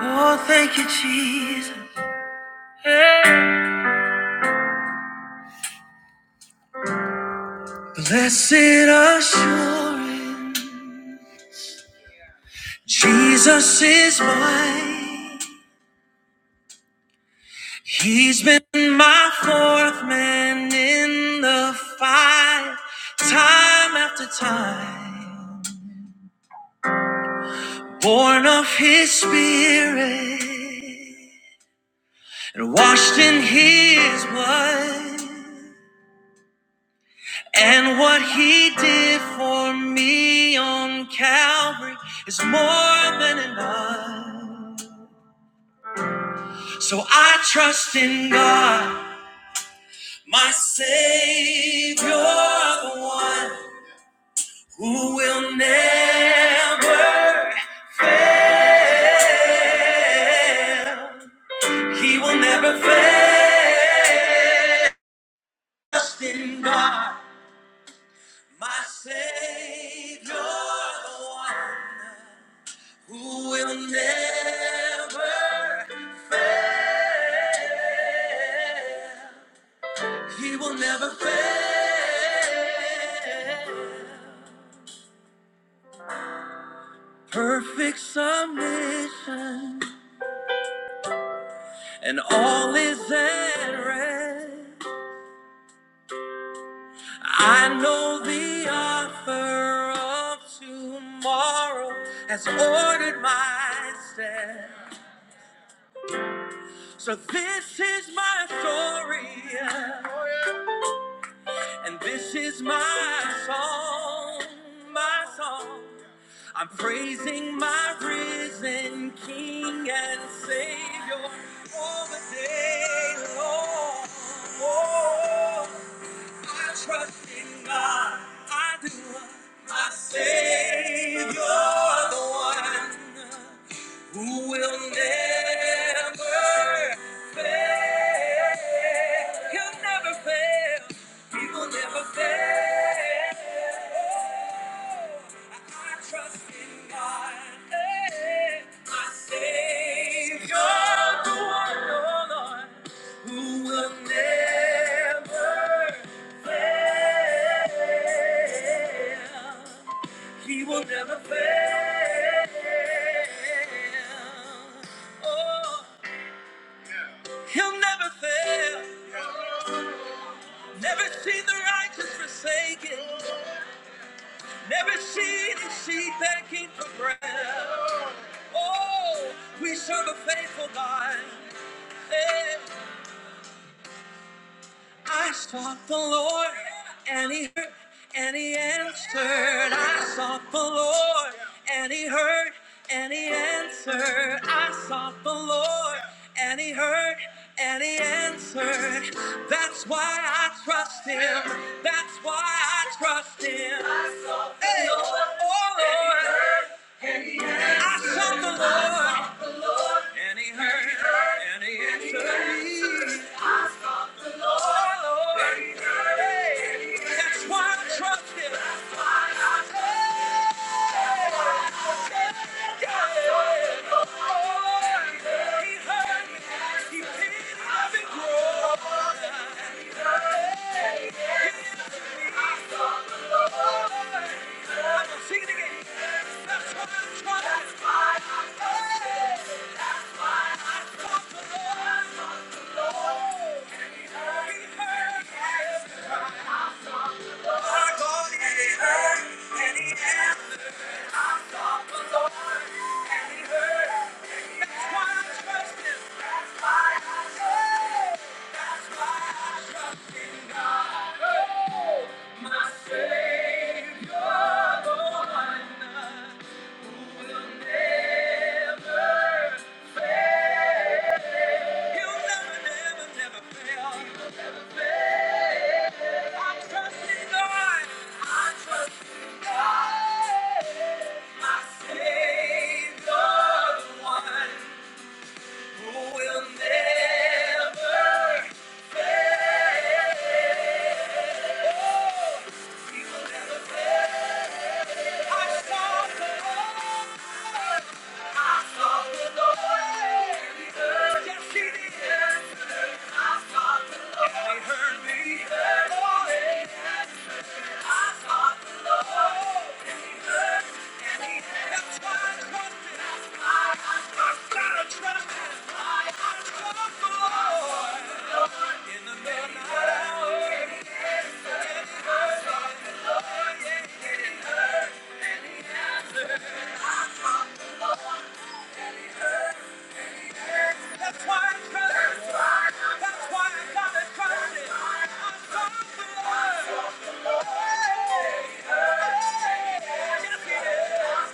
Oh, thank you, Jesus. Blessed assurance, Jesus is mine. He's been my fourth man in the fight, time after time. Born of his spirit and washed in his blood. And what he did for me on Calvary is more than enough. So I trust in God, my Savior, the one who will never, he will never fail. Trust in God, my Savior, the one who will never fail. He will never fail. Perfect submission, and all is at rest. I know the author of tomorrow has ordered my steps. So this is my story, yeah, and this is my song, my song. I'm praising my risen King and Savior all the day long. Oh, I trust in God. I do. My Savior, the one who will never fail. He'll never fail. He will never fail. Oh, I trust in God, eh, my Savior, the one, oh Lord, who will never fail. He will never fail. Oh, he'll never fail. Never seen the righteous forsaken. Never seen his seed begging for bread. Oh, we serve a faithful God. Eh, I sought the Lord, and He heard, and He answered. I sought the Lord, and He heard, and He answered. I sought the Lord, and He heard, and He answered. That's why I trust Him. That's why I trust Him. Hey, oh Lord, I sought the Lord, and He heard, and He answered. me. That's why I trust him. That's why I trust him. That's That's why I trust the Lord. He heard me. Never, never, never fail. Yes, I saw the Lord, and he heard, and he helped my I've got that's why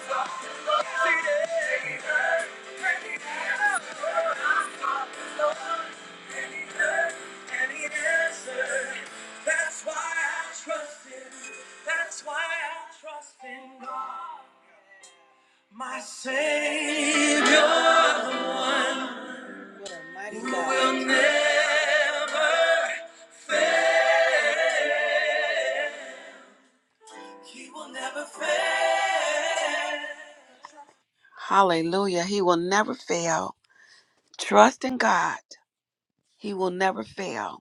Yeah. That's why I trust him. That's why I trust in God. My Savior, the one who will never fail. He will never fail. Hallelujah. He will never fail. Trust in God. He will never fail.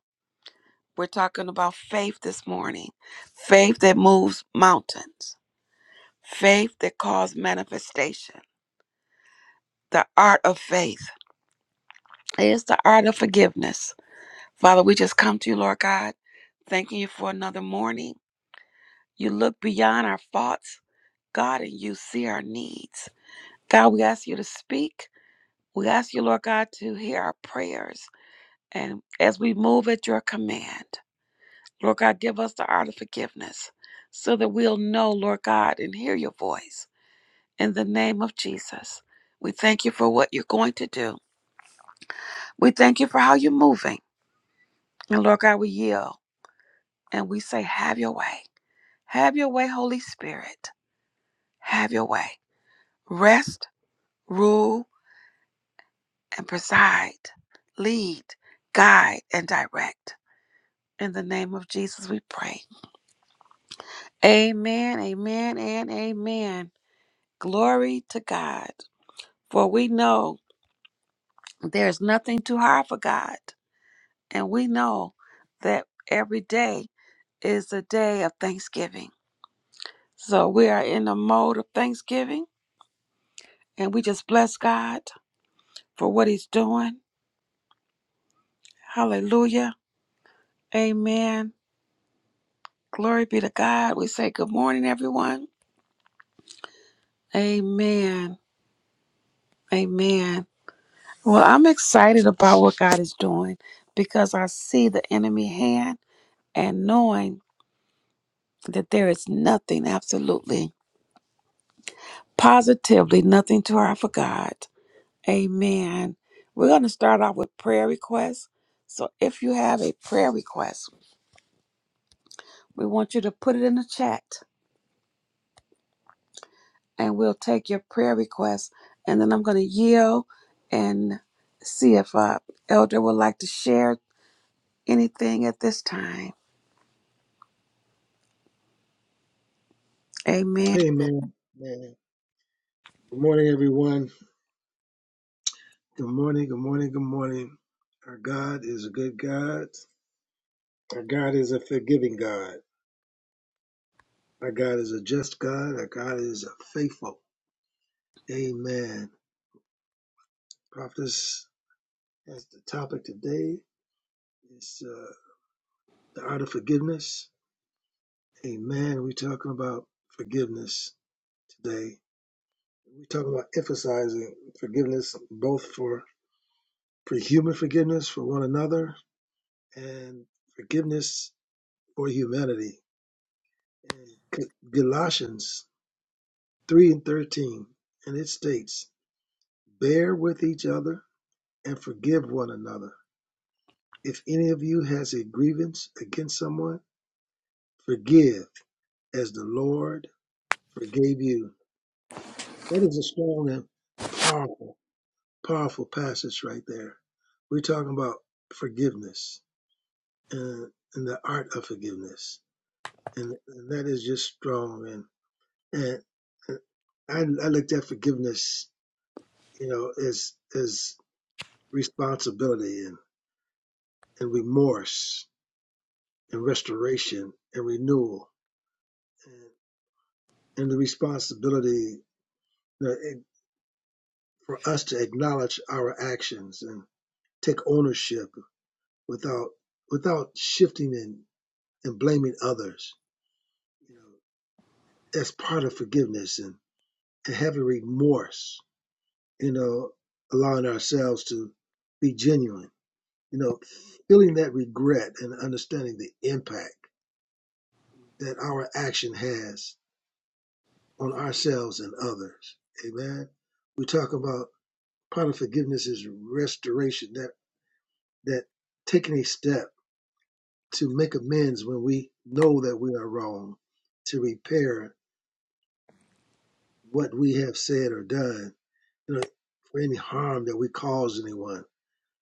We're talking about faith this morning faith that moves mountains, faith that calls manifestation, the art of faith. is the art of forgiveness. Father, we just come to you, Lord God, thanking you for another morning. You look beyond our faults, God, and you see our needs. God, we ask you to speak. We ask you, Lord God, to hear our prayers. And as we move at your command, Lord God, give us the art of forgiveness so that we'll know, Lord God, and hear your voice. in the name of Jesus. We thank you for what you're going to do. We thank you for how you're moving. And Lord God, we yield and we say, Have your way. Have your way, Holy Spirit. Have your way. Rest, rule, and preside. Lead, guide, and direct. In the name of Jesus, we pray. Amen, amen, and amen. Glory to God. For we know there's nothing too hard for God. And we know that every day is a day of thanksgiving. So we are in the mode of thanksgiving and we just bless God for what he's doing. Hallelujah. Amen. Glory be to God. We say good morning, everyone. Amen. Amen. Well, I'm excited about what God is doing because I see the enemy hand and knowing that there is nothing absolutely, positively, nothing too hard for God. Amen. We're going to start off with prayer requests. So if you have a prayer request, we want you to put it in the chat and we'll take your prayer request. And then I'm going to yield and see if uh, Elder would like to share anything at this time. Amen. Amen. Amen. Good morning, everyone. Good morning. Good morning. Good morning. Our God is a good God. Our God is a forgiving God. Our God is a just God. Our God is a faithful. Amen. Prophets, as the topic today is uh, the art of forgiveness. Amen. We're talking about forgiveness today. We're talking about emphasizing forgiveness, both for, for human forgiveness for one another and forgiveness for humanity in Galatians 3 and 13, and it states, Bear with each other and forgive one another. If any of you has a grievance against someone, forgive as the Lord forgave you. That is a strong and powerful, powerful passage right there. We're talking about forgiveness and, and the art of forgiveness. And, and that is just strong. And, and, and I, I looked at forgiveness, you know, as, as responsibility and, and remorse and restoration and renewal and, and the responsibility for us to acknowledge our actions and take ownership without without shifting and, and blaming others you know that's part of forgiveness and, and having remorse you know allowing ourselves to be genuine you know feeling that regret and understanding the impact that our action has on ourselves and others. Amen. We talk about part of forgiveness is restoration, that that taking a step to make amends when we know that we are wrong, to repair what we have said or done, you know, for any harm that we cause anyone,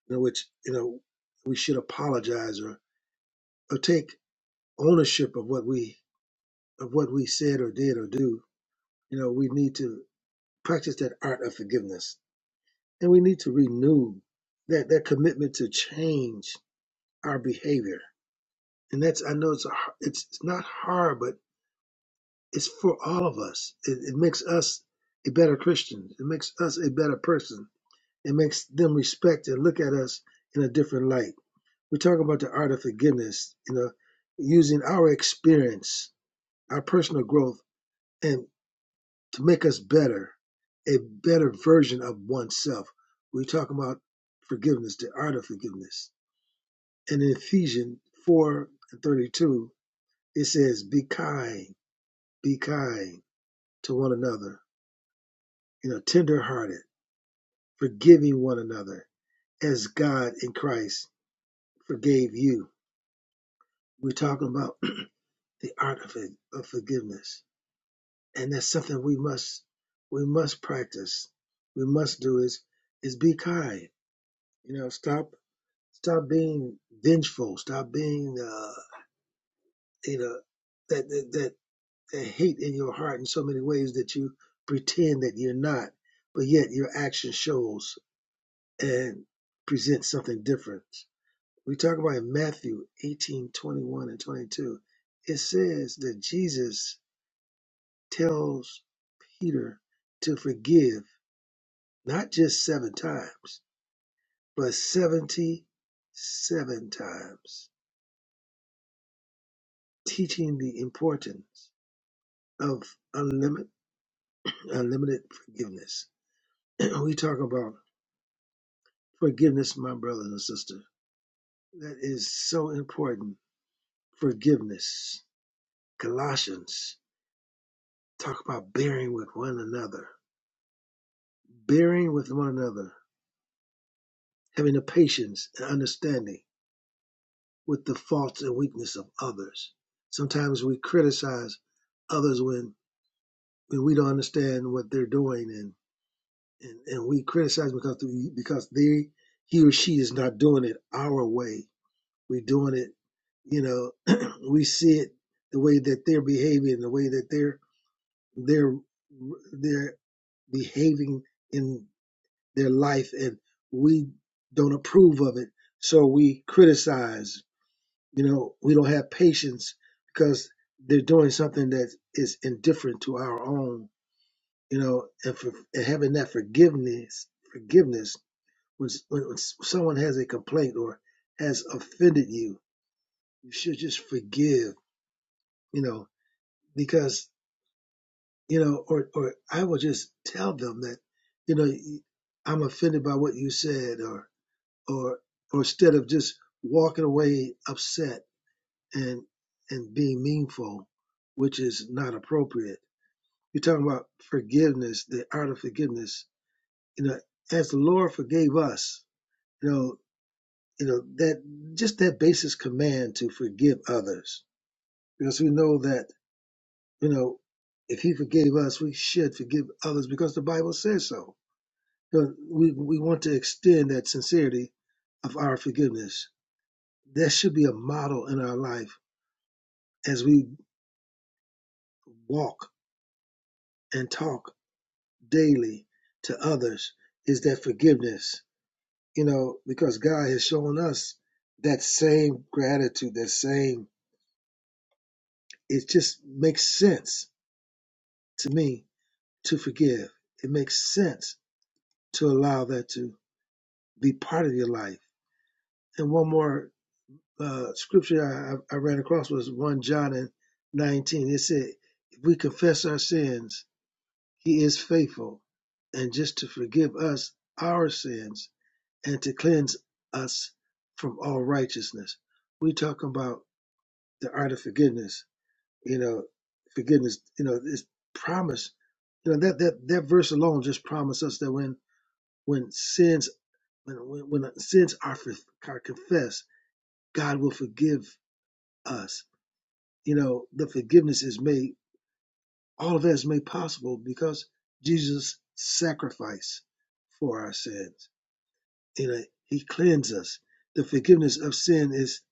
you know, which you know we should apologize or, or take ownership of what we of what we said or did or do. You know, we need to practice that art of forgiveness And we need to renew that, that commitment to change our behavior. And that's, I know it's, a, har- it's, it's not hard, but it's for all of us. It, it makes us a better Christian. It makes us a better person. It makes them respect and look at us in a different light. We talk about the art of forgiveness, you know, using our experience, our personal growth, and to make us better, a better version of oneself. We talk about forgiveness, the art of forgiveness in Ephesians 4 and 32, it says, Be kind, be kind to one another, you know, tender hearted, forgiving one another, as God in Christ forgave you. We're talking about the art of, it, of forgiveness. And that's something we must we must practice. We must do is is be kind. You know, stop stop being vengeful. Stop being uh, you know that that, that hate in your heart in so many ways that you pretend that you're not, but yet your action shows and presents something different. We talk about in Matthew eighteen twenty one and 22. It says that Jesus tells Peter to forgive not just seven times, but 77 times, teaching the importance of unlimited, unlimited forgiveness. we talk about Forgiveness, my brothers and sisters. That is so important. Forgiveness. Colossians talk about bearing with one another. Bearing with one another. Having the patience and understanding with the faults and weakness of others. Sometimes we criticize others when, when we don't understand what they're doing and, and, and we criticize because because they he or she is not doing it our way we doing it you know we see it the way that they're behaving the way that they're they're they're behaving in their life and we don't approve of it so we criticize you know we don't have patience because they're doing something that is indifferent to our own you know and, for, and having that forgiveness forgiveness when when someone has a complaint or has offended you you should just forgive you know, because, you know, or, or I will just tell them that, you know, I'm offended by what you said or, or, or instead of just walking away upset and, and being meanful, which is not appropriate. You're talking about forgiveness, the art of forgiveness, you know, as the Lord forgave us, you know, you know, that just that basic command to forgive others because we know that You know, if he forgave us, we should forgive others because the Bible says so. So we, we want to extend that sincerity of our forgiveness. That should be a model in our life as we walk and talk daily to others is that forgiveness, you know, because God has shown us that same gratitude, that same, it just makes sense to me to forgive. It makes sense to allow that to be part of your life And one more uh, scripture I, I ran across was 1 John and 19. It said, If we confess our sins, he is faithful and just to forgive us our sins and to cleanse us from all righteousness. We talk about the art of forgiveness, you know, forgiveness, you know, this promise, you know, that, that, that verse alone just promised us that when, when sins, when, when, when sins are, for, are confessed, God will forgive us you know, the forgiveness is made, all of that is made possible because Jesus sacrificed for our sins. You know, he cleansed us. The forgiveness of sin is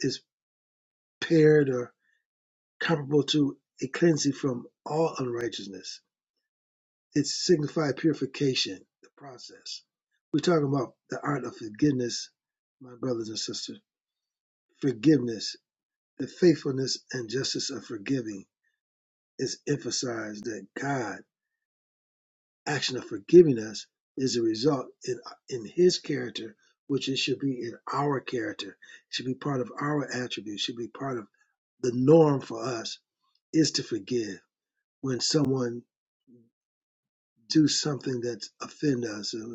is paired or comparable to a cleansing from all unrighteousness. It signifies purification, the process. We're talking about the art of forgiveness, my brothers and sisters. Forgiveness, the faithfulness and justice of forgiving is emphasized that God action of forgiving us is a result in in his character, which it should be in our character, It should be part of our attribute, should be part of the norm for us is to forgive when someone do something that offend us and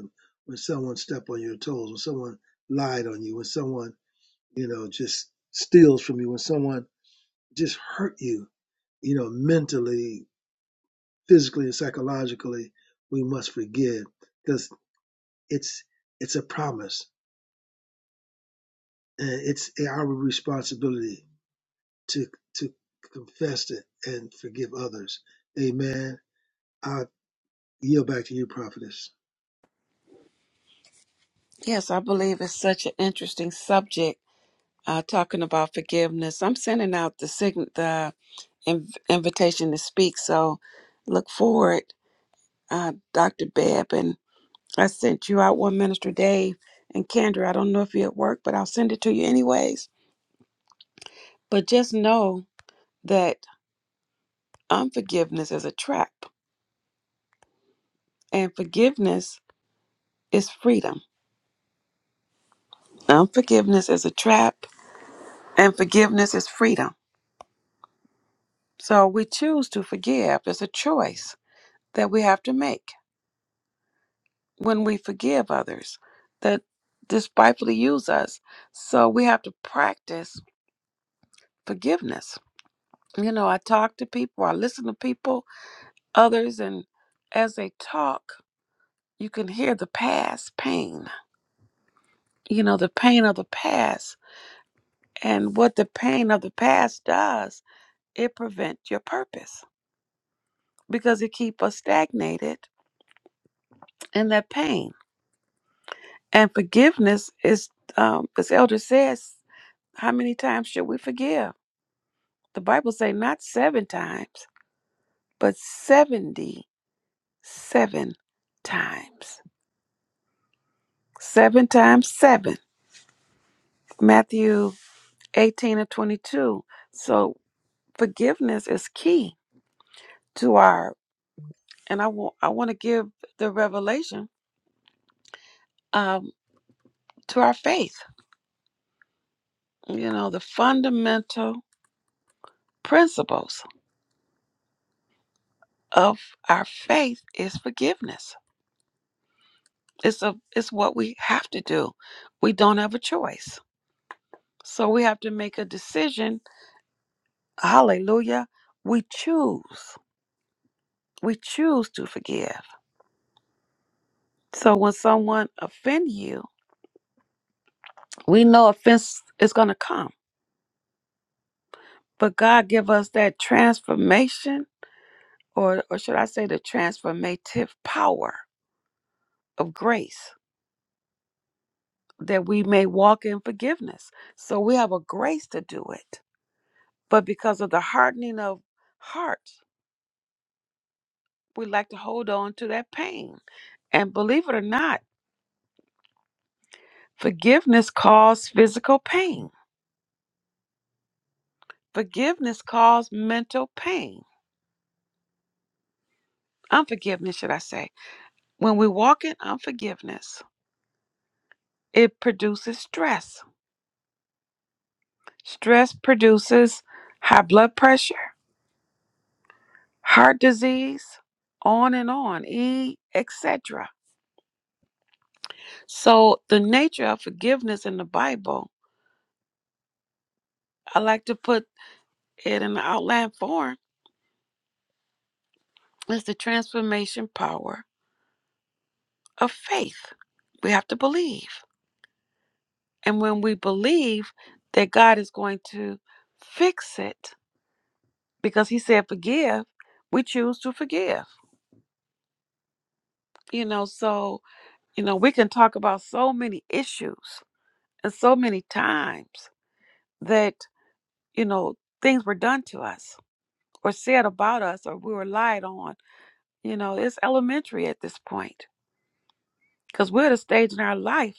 when someone step on your toes, when someone lied on you, when someone, you know, just steals from you, when someone just hurt you, you know, mentally, physically and psychologically, we must forgive because it's it's a promise and it's our responsibility to to confess it and forgive others. Amen. I yield back to you, prophetess. Yes, I believe it's such an interesting subject uh, talking about forgiveness. I'm sending out the, sign- the inv- invitation to speak. So look forward, uh, Dr. Bebb, I sent you out one, Minister Dave and Kendra. I don't know if you're at work, but I'll send it to you anyways. But just know that unforgiveness is a trap, and forgiveness is freedom. Unforgiveness is a trap, and forgiveness is freedom. So we choose to forgive. It's a choice that we have to make when we forgive others that despitefully use us. So we have to practice forgiveness. You know, I talk to people, I listen to people, others and as they talk you can hear the past pain you know the pain of the past and what the pain of the past does it prevents your purpose because it keeps us stagnated in that pain and forgiveness is um, as elder says how many times should we forgive the bible say not seven times but 77 times seven times seven matthew 18 and 22. So forgiveness is key to our, and I want I want to give the revelation um, to our faith. You know, the fundamental principles of our faith is forgiveness. It's a it's what we have to do. We don't have a choice, so we have to make a decision. Hallelujah! We choose. We choose to forgive. So when someone offend you, we know offense is going to come But God give us that transformation, or, or should I say, the transformative power of grace that we may walk in forgiveness. So we have a grace to do it. But because of the hardening of hearts, we like to hold on to that pain. And believe it or not, forgiveness caused physical pain, forgiveness caused mental pain, unforgiveness, should I say. When we walk in unforgiveness, it produces stress Stress produces high blood pressure, heart disease, on and on, e etc. So the nature of forgiveness in the Bible, I like to put it in the outline form, is the transformation power of faith. We have to believe. And when we believe that God is going to fix it, because he said forgive, we choose to forgive. You know, so, you know, we can talk about so many issues and so many times that you know things were done to us or said about us or we were lied on you know it's elementary at this point because we're at a stage in our life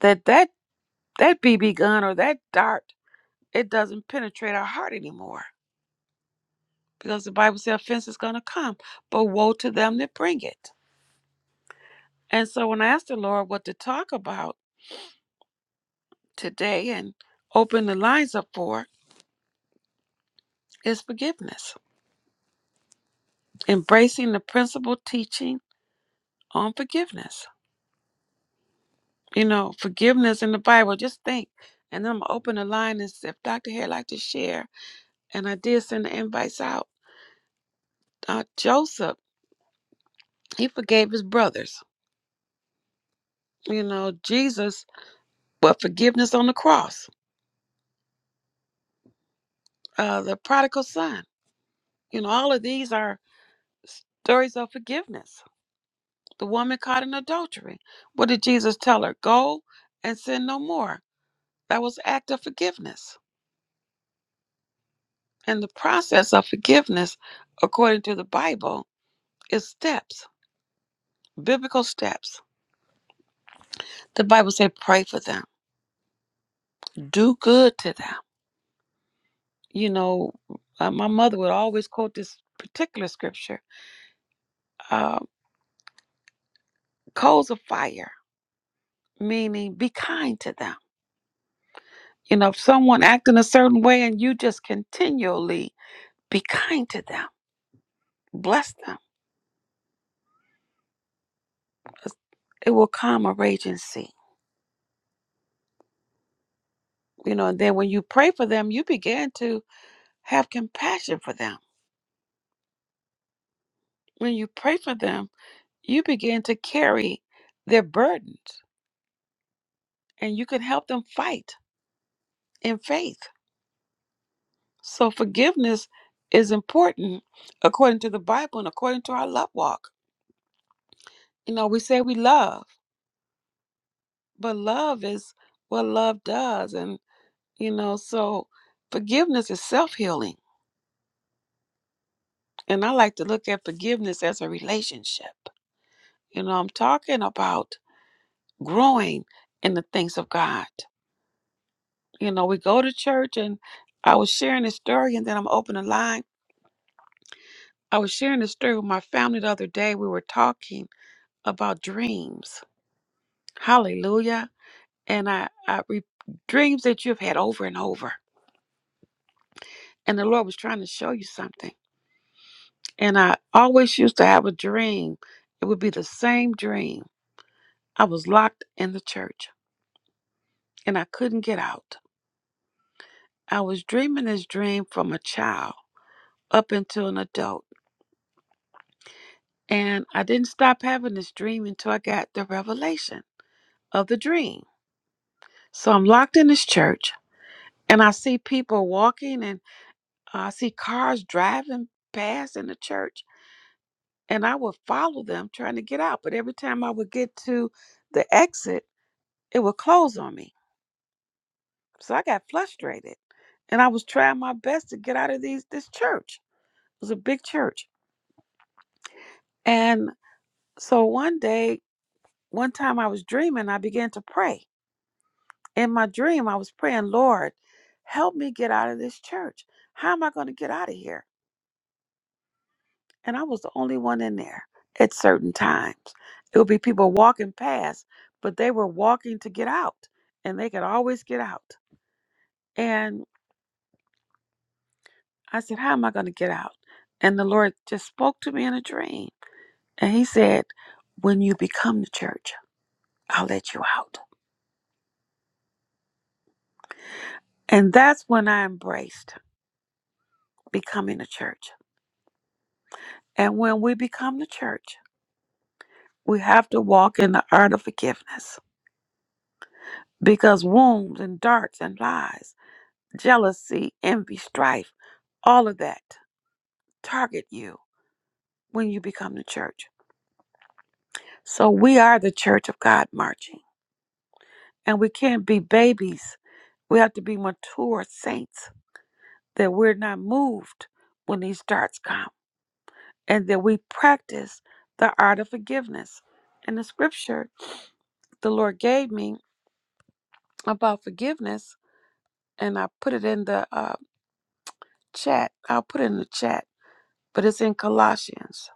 that that that bb gun or that dart it doesn't penetrate our heart anymore because the bible says offense is going to come but woe to them that bring it and so when i asked the lord what to talk about today and open the lines up for is forgiveness embracing the principal teaching on forgiveness you know, forgiveness in the Bible. Just think. And then I'm gonna open the line and see if Dr. Hare like to share. And I did send the invites out. Uh, Joseph, he forgave his brothers. You know, Jesus, but forgiveness on the cross. Uh, the prodigal son. You know, all of these are stories of forgiveness. The woman caught in adultery. What did Jesus tell her? Go and sin no more. That was an act of forgiveness. And the process of forgiveness, according to the Bible, is steps biblical steps. The Bible said, pray for them, do good to them. You know, uh, my mother would always quote this particular scripture uh, coals of fire, meaning be kind to them. You know, if someone acting a certain way and you just continually be kind to them, bless them, it will calm a raging sea. You know, and then when you pray for them, you begin to have compassion for them. When you pray for them, you begin to carry their burdens and you can help them fight in faith. So forgiveness is important according to the Bible and according to our love walk. You know, we say we love, but love is what love does. And, you know, so forgiveness is self healing. And I like to look at forgiveness as a relationship. You know, I'm talking about growing in the things of God. You know, we go to church and I was sharing this story and then I'm opening the line I was sharing this story with my family the other day. We were talking about dreams. Hallelujah. And I, I re, dreams that you've had over and over. And the Lord was trying to show you something. And I always used to have a dream. It would be the same dream. I was locked in the church and I couldn't get out. I was dreaming this dream from a child up until an adult. And I didn't stop having this dream until I got the revelation of the dream. So I'm locked in this church And I see people walking and uh, I see cars driving past in the church. And I would follow them trying to get out. But every time I would get to the exit, it would close on me. So I got frustrated. And I was trying my best to get out of these this church. It was a big church. And so one day, one time I was dreaming, I began to pray. In my dream, I was praying, Lord, help me get out of this church. How am I going to get out of here? and I was the only one in there at certain times. It would be people walking past, but they were walking to get out, and they could always get out. And I said, How am I going to get out? And the Lord just spoke to me in a dream. And He said, When you become the church, I'll let you out. And that's when I embraced becoming a church. And when we become the church, we have to walk in the art of forgiveness because wounds and darts and lies jealousy, envy, strife, all of that target you when you become the church. So we are the church of God marching, and we can't be babies. We have to be mature saints that we're not moved when these darts come, and that we practice the art of forgiveness. And the scripture the Lord gave me about forgiveness, and I put it in the uh, chat. I'll put it in the chat, but it's in Colossians,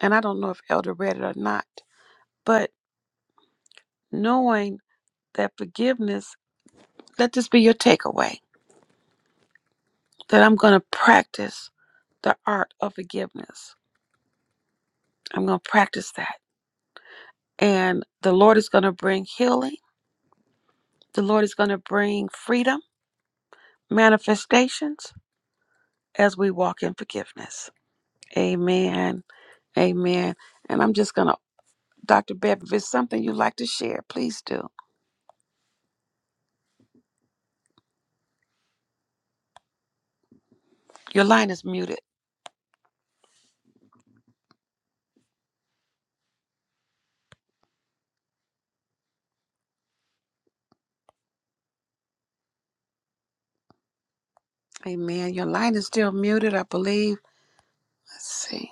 and I don't know if Elder read it or not but knowing that forgiveness, let this be your takeaway that I'm going to practice the art of forgiveness. I'm going to practice that. And the Lord is going to bring healing, the Lord is going to bring freedom, manifestations as we walk in forgiveness. Amen. Amen. And I'm just going to, Dr. Bev, if it's something you'd like to share, please do. Your line is muted. Amen. Your line is still muted, I believe. Let's see.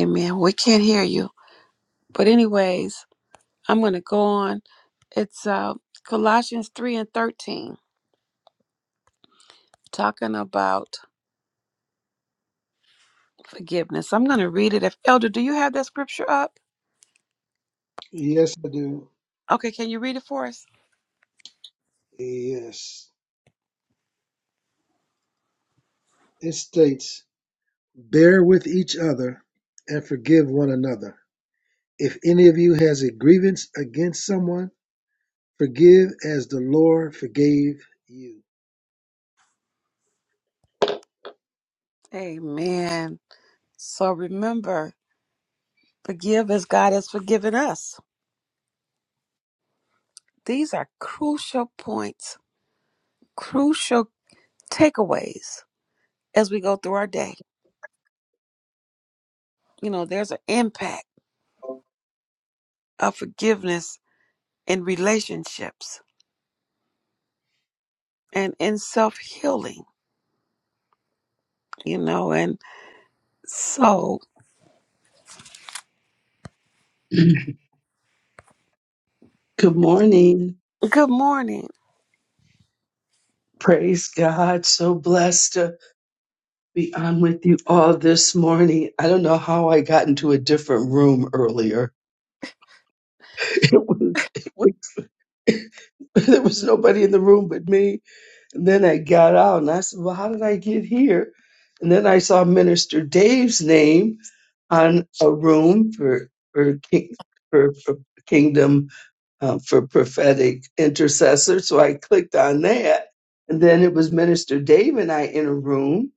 Amen. We can't hear you. But anyways, I'm going to go on. It's uh, Colossians 3 and 13, talking about forgiveness. I'm going to read it. If Elder, do you have that scripture up? Yes, I do. Okay, can you read it for us? Yes, it states, "Bear with each other and forgive one another. If any of you has a grievance against someone, forgive as the Lord forgave you." Amen. So remember, forgive as God has forgiven us. These are crucial points, crucial takeaways as we go through our day. You know, there's an impact of forgiveness in relationships and in self healing, you know, So, Good morning. good morning. Praise God. So blessed to be on with you all this morning. I don't know how I got into a different room earlier. It was, it was there was nobody in the room but me. And then I got out and I said, Well, how did I get here? And then I saw Minister Dave's name on a room for for, king, for, for kingdom uh, for prophetic intercessor. So I clicked on that. And then it was Minister Dave and I in a room.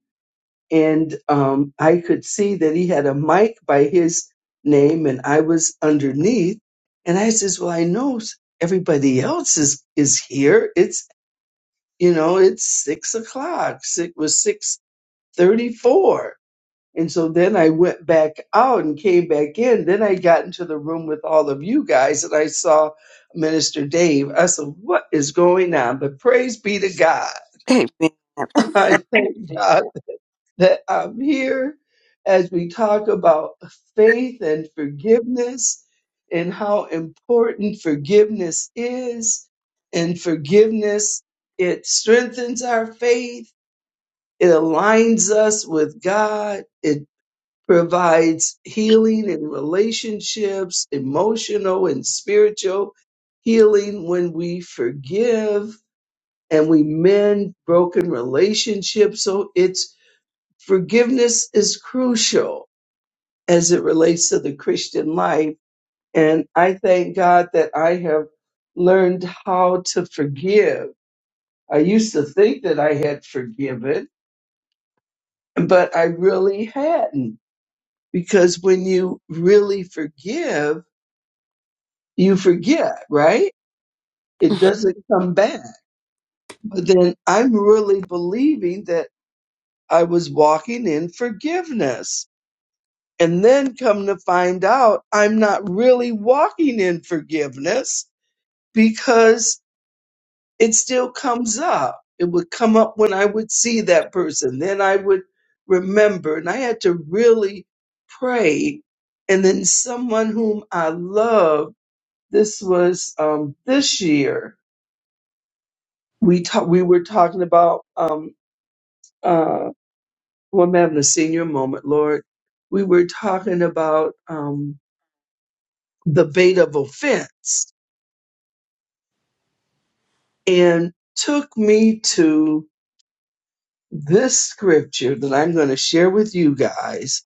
And um, I could see that he had a mic by his name and I was underneath. And I says, Well, I know s- everybody else is, is here. It's, you know, it's six o'clock. It was 634. And so then I went back out and came back in. Then I got into the room with all of you guys and I saw Minister Dave. I said, What is going on? But praise be to God. Amen. I thank God that I'm here as we talk about faith and forgiveness and how important forgiveness is. And forgiveness, it strengthens our faith, it aligns us with God It provides healing in relationships, emotional and spiritual healing when we forgive and we mend broken relationships. So it's forgiveness is crucial as it relates to the Christian life. And I thank God that I have learned how to forgive. I used to think that I had forgiven, but I really hadn't because when you really forgive, you forget, right? It doesn't come back. But then I'm really believing that I was walking in forgiveness. And then come to find out I'm not really walking in forgiveness because it still comes up. It would come up when I would see that person. Then I would remember. And I had to really pray. And then someone whom I love, this was um, this year, we talk, we were talking about um uh well I'm having a senior moment, Lord. We were talking about um the bait of offense and took me to this scripture that I'm gonna share with you guys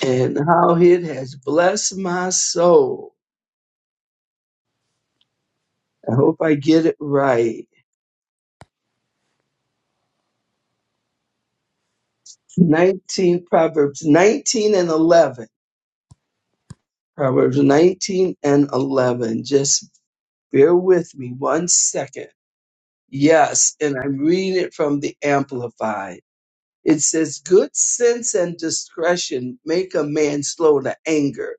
and how it has blessed my soul. I hope I get it right. Nineteen Proverbs nineteen and eleven. Proverbs nineteen and eleven. Just bear with me one second Yes, and I read it from the Amplified. It says, Good sense and discretion make a man slow to anger,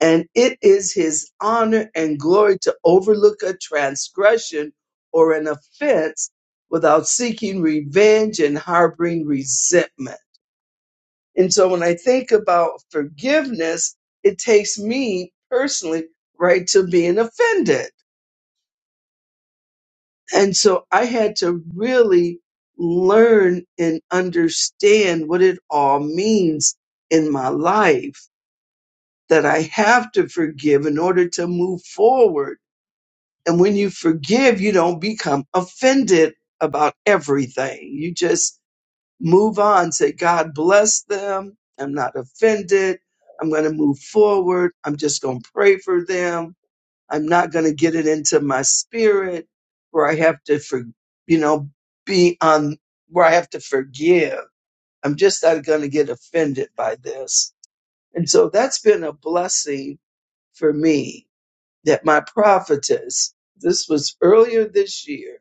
and it is his honor and glory to overlook a transgression or an offense without seeking revenge and harboring resentment. And so when I think about forgiveness, it takes me personally right to being offended And so I had to really learn and understand what it all means in my life that I have to forgive in order to move forward. And when you forgive, you don't become offended about everything. You just move on, say, God bless them. I'm not offended. I'm going to move forward. I'm just going to pray for them I'm not going to get it into my spirit where I have to, for, you know, be on where I have to forgive. I'm just not going to get offended by this. And so that's been a blessing for me that my prophetess, this was earlier this year,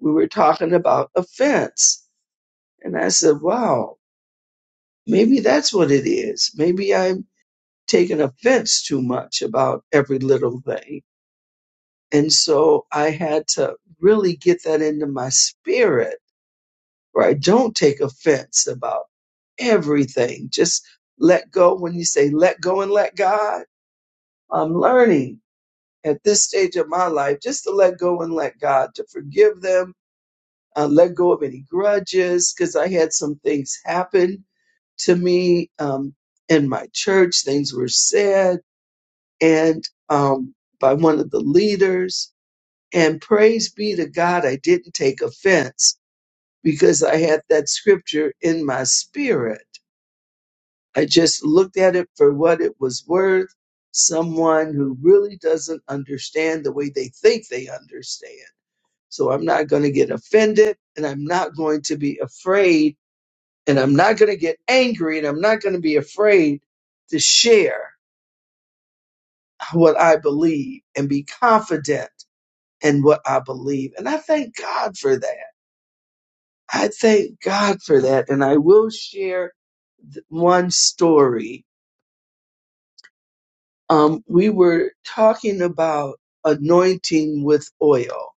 we were talking about offense. And I said, wow, maybe that's what it is. Maybe I'm taking offense too much about every little thing And so I had to really get that into my spirit where I don't take offense about everything. Just let go. When you say let go and let God, I'm learning at this stage of my life just to let go and let God, to forgive them, uh, let go of any grudges, because I had some things happen to me um, in my church. Things were said, and um, by one of the leaders. And praise be to God, I didn't take offense because I had that scripture in my spirit. I just looked at it for what it was worth. Someone who really doesn't understand the way they think they understand. So I'm not going to get offended and I'm not going to be afraid and I'm not going to get angry and I'm not going to be afraid to share what I believe and be confident in what I believe. And I thank God for that. I thank God for that. And I will share th- one story. Um, we were talking about anointing with oil,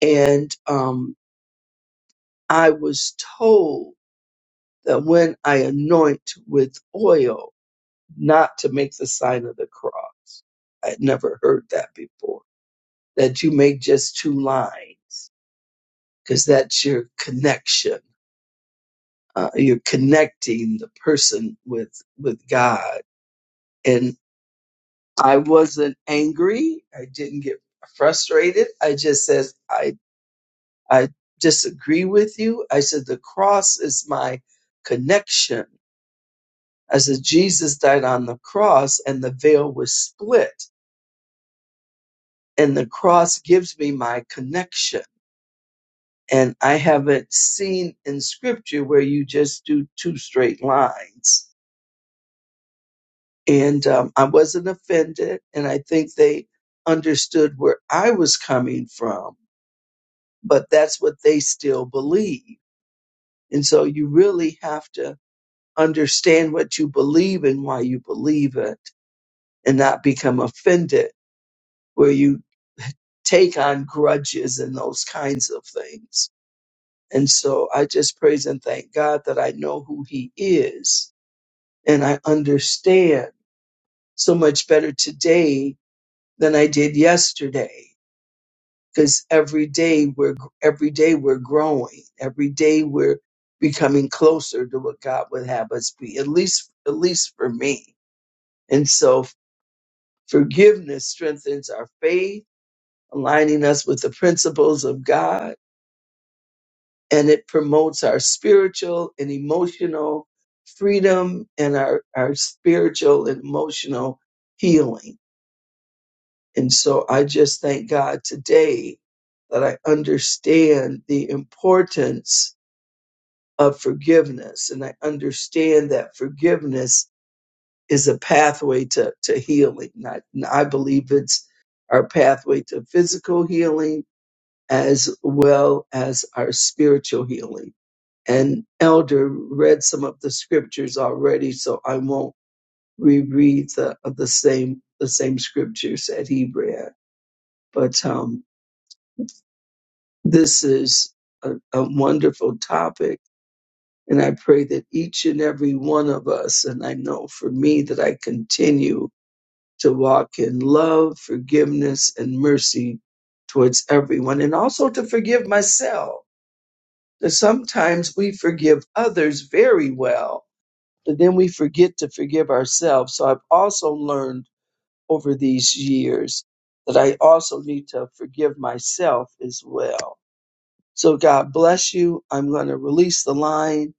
and um, I was told that when I anoint with oil, not to make the sign of the cross. I'd never heard that before. That you make just two lines, because that's your connection. Uh, you're connecting the person with with God I wasn't angry. I didn't get frustrated. I just said, I, I disagree with you. I said, the cross is my connection. I said, Jesus died on the cross and the veil was split and the cross gives me my connection. And I haven't seen in scripture where you just do two straight lines. And um, I wasn't offended. And I think they understood where I was coming from but that's what they still believe. And so you really have to understand what you believe and why you believe it and not become offended where you take on grudges and those kinds of things. And so I just praise and thank God that I know who he is and I understand so much better today than I did yesterday because every day we're every day we're growing every day we're becoming closer to what god would have us be at least at least for me and so forgiveness strengthens our faith aligning us with the principles of god and it promotes our spiritual and emotional freedom and our, our spiritual and emotional healing and so i just thank god today that i understand the importance of forgiveness. And I understand that forgiveness is a pathway to, to healing. And I, and I believe it's our pathway to physical healing as well as our spiritual healing. And Elder read some of the scriptures already, so I won't reread the, the same the same scriptures that he read. But um, this is a, a wonderful topic And I pray that each and every one of us, and I know for me that I continue to walk in love, forgiveness, and mercy towards everyone, and also to forgive myself. That sometimes we forgive others very well, but then we forget to forgive ourselves. So I've also learned over these years that I also need to forgive myself as well. So God bless you. I'm going to release the line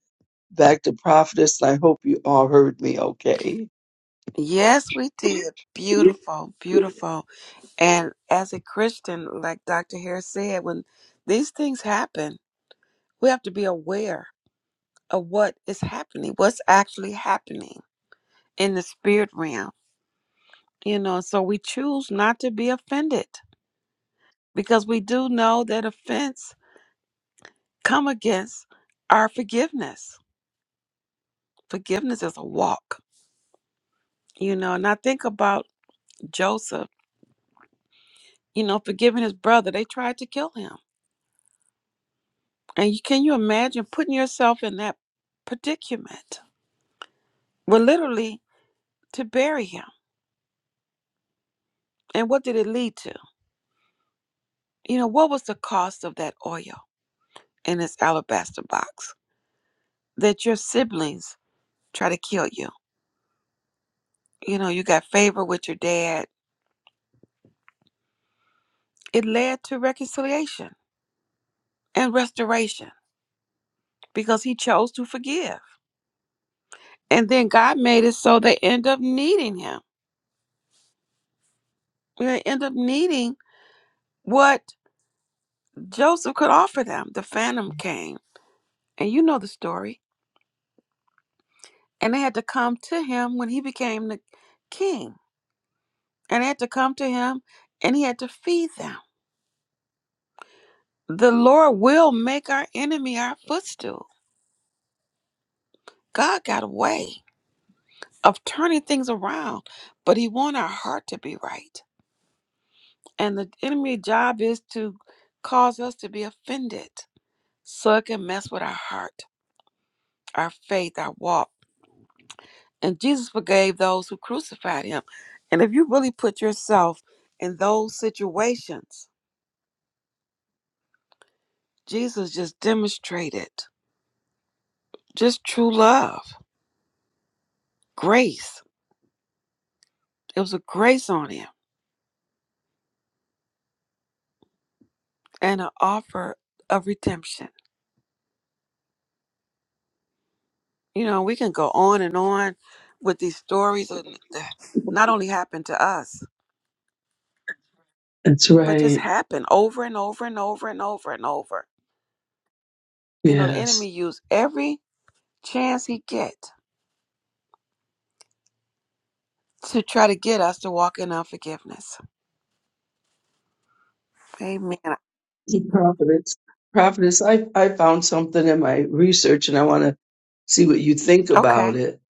back to prophetess. and I hope you all heard me okay. Yes, we did. Beautiful, beautiful. And as a Christian, like Dr. Harris said, when these things happen, we have to be aware of what is happening, what's actually happening in the spirit realm. You know, so we choose not to be offended because we do know that offense come against our forgiveness. Forgiveness is a walk, you know, and I think about Joseph you know, forgiving his brother. They tried to kill him. And you, can you imagine putting yourself in that predicament? Well, literally to bury him. And what did it lead to? You know, what was the cost of that oil in this alabaster box that your siblings try to kill you? You know, you got favor with your dad. It led to reconciliation and restoration because he chose to forgive. And then God made it so they end up needing him. They end up needing what Joseph could offer them. The phantom came, and you know the story. And they had to come to him when he became the king. And they had to come to him, and he had to feed them. The Lord will make our enemy our footstool. God got a way of turning things around, but he wants our heart to be right. And the enemy's job is to cause us to be offended so it can mess with our heart, our faith, our walk And Jesus forgave those who crucified him. And if you really put yourself in those situations, Jesus just demonstrated just true love, grace. It was a grace on him and an offer of redemption. You know, we can go on and on with these stories of- that not only happened to us, That's but just right. happened over and over and over and over and over. You know, the Yes. enemy used every chance he get to try to get us to walk in unforgiveness Amen. Prophetess. Prophetess, I, I found something in my research and I want to see what you think about Okay. it.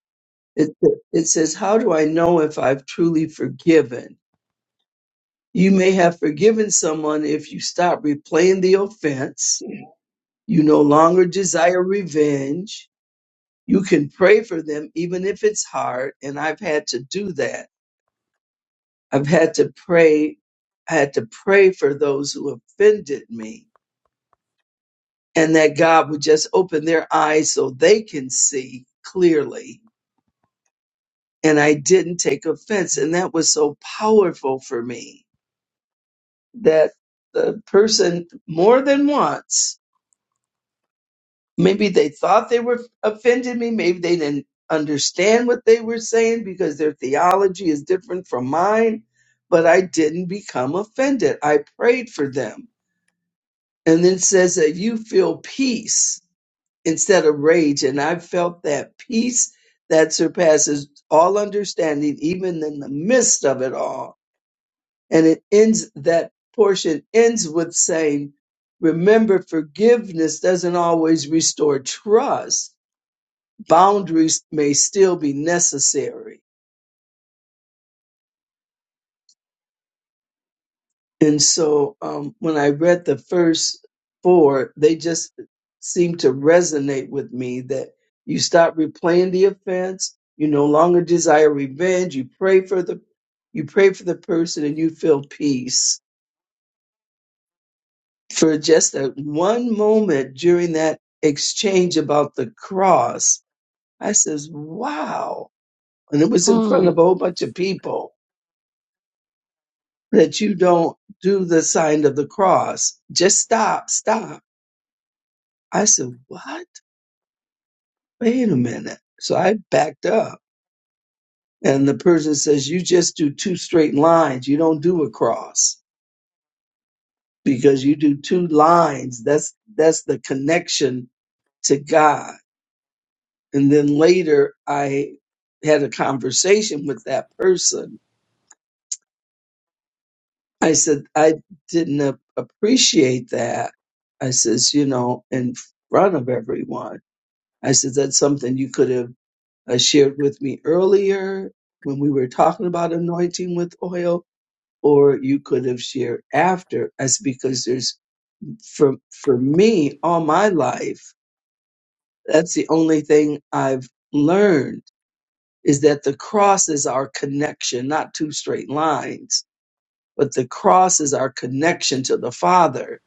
it. It says, How do I know if I've truly forgiven? You may have forgiven someone if you stop replaying the offense. You no longer desire revenge. You can pray for them even if it's hard. And I've had to do that. I've had to pray. I had to pray for those who offended me and that God would just open their eyes so they can see clearly. And I didn't take offense. And that was so powerful for me that the person more than once, maybe they thought they were offended me. Maybe they didn't understand what they were saying because their theology is different from mine. But I didn't become offended. I prayed for them And then it says that you feel peace instead of rage. And I felt that peace that surpasses all understanding, even in the midst of it all. And it ends, that portion ends with saying, remember, forgiveness doesn't always restore trust. Boundaries may still be necessary. And so um, when I read the first four, they just seemed to resonate with me that you stop replaying the offense, you no longer desire revenge, you pray for the you pray for the person and you feel peace. For just that one moment during that exchange about the cross, I says, Wow. And it was in front Mm. of a whole bunch of people that you don't do the sign of the cross. Just stop, stop I said, What? Wait a minute. So I backed up. And the person says, You just do two straight lines. You don't do a cross because you do two lines. That's that's the connection to God. And then later I had a conversation with that person. I said, I didn't a- appreciate that. I says, you know, in front of everyone. I said, that's something you could have uh, shared with me earlier when we were talking about anointing with oil, or you could have shared after. That's because there's for for me all my life. That's the only thing I've learned is that the cross is our connection, not two straight lines, but the cross is our connection to the Father.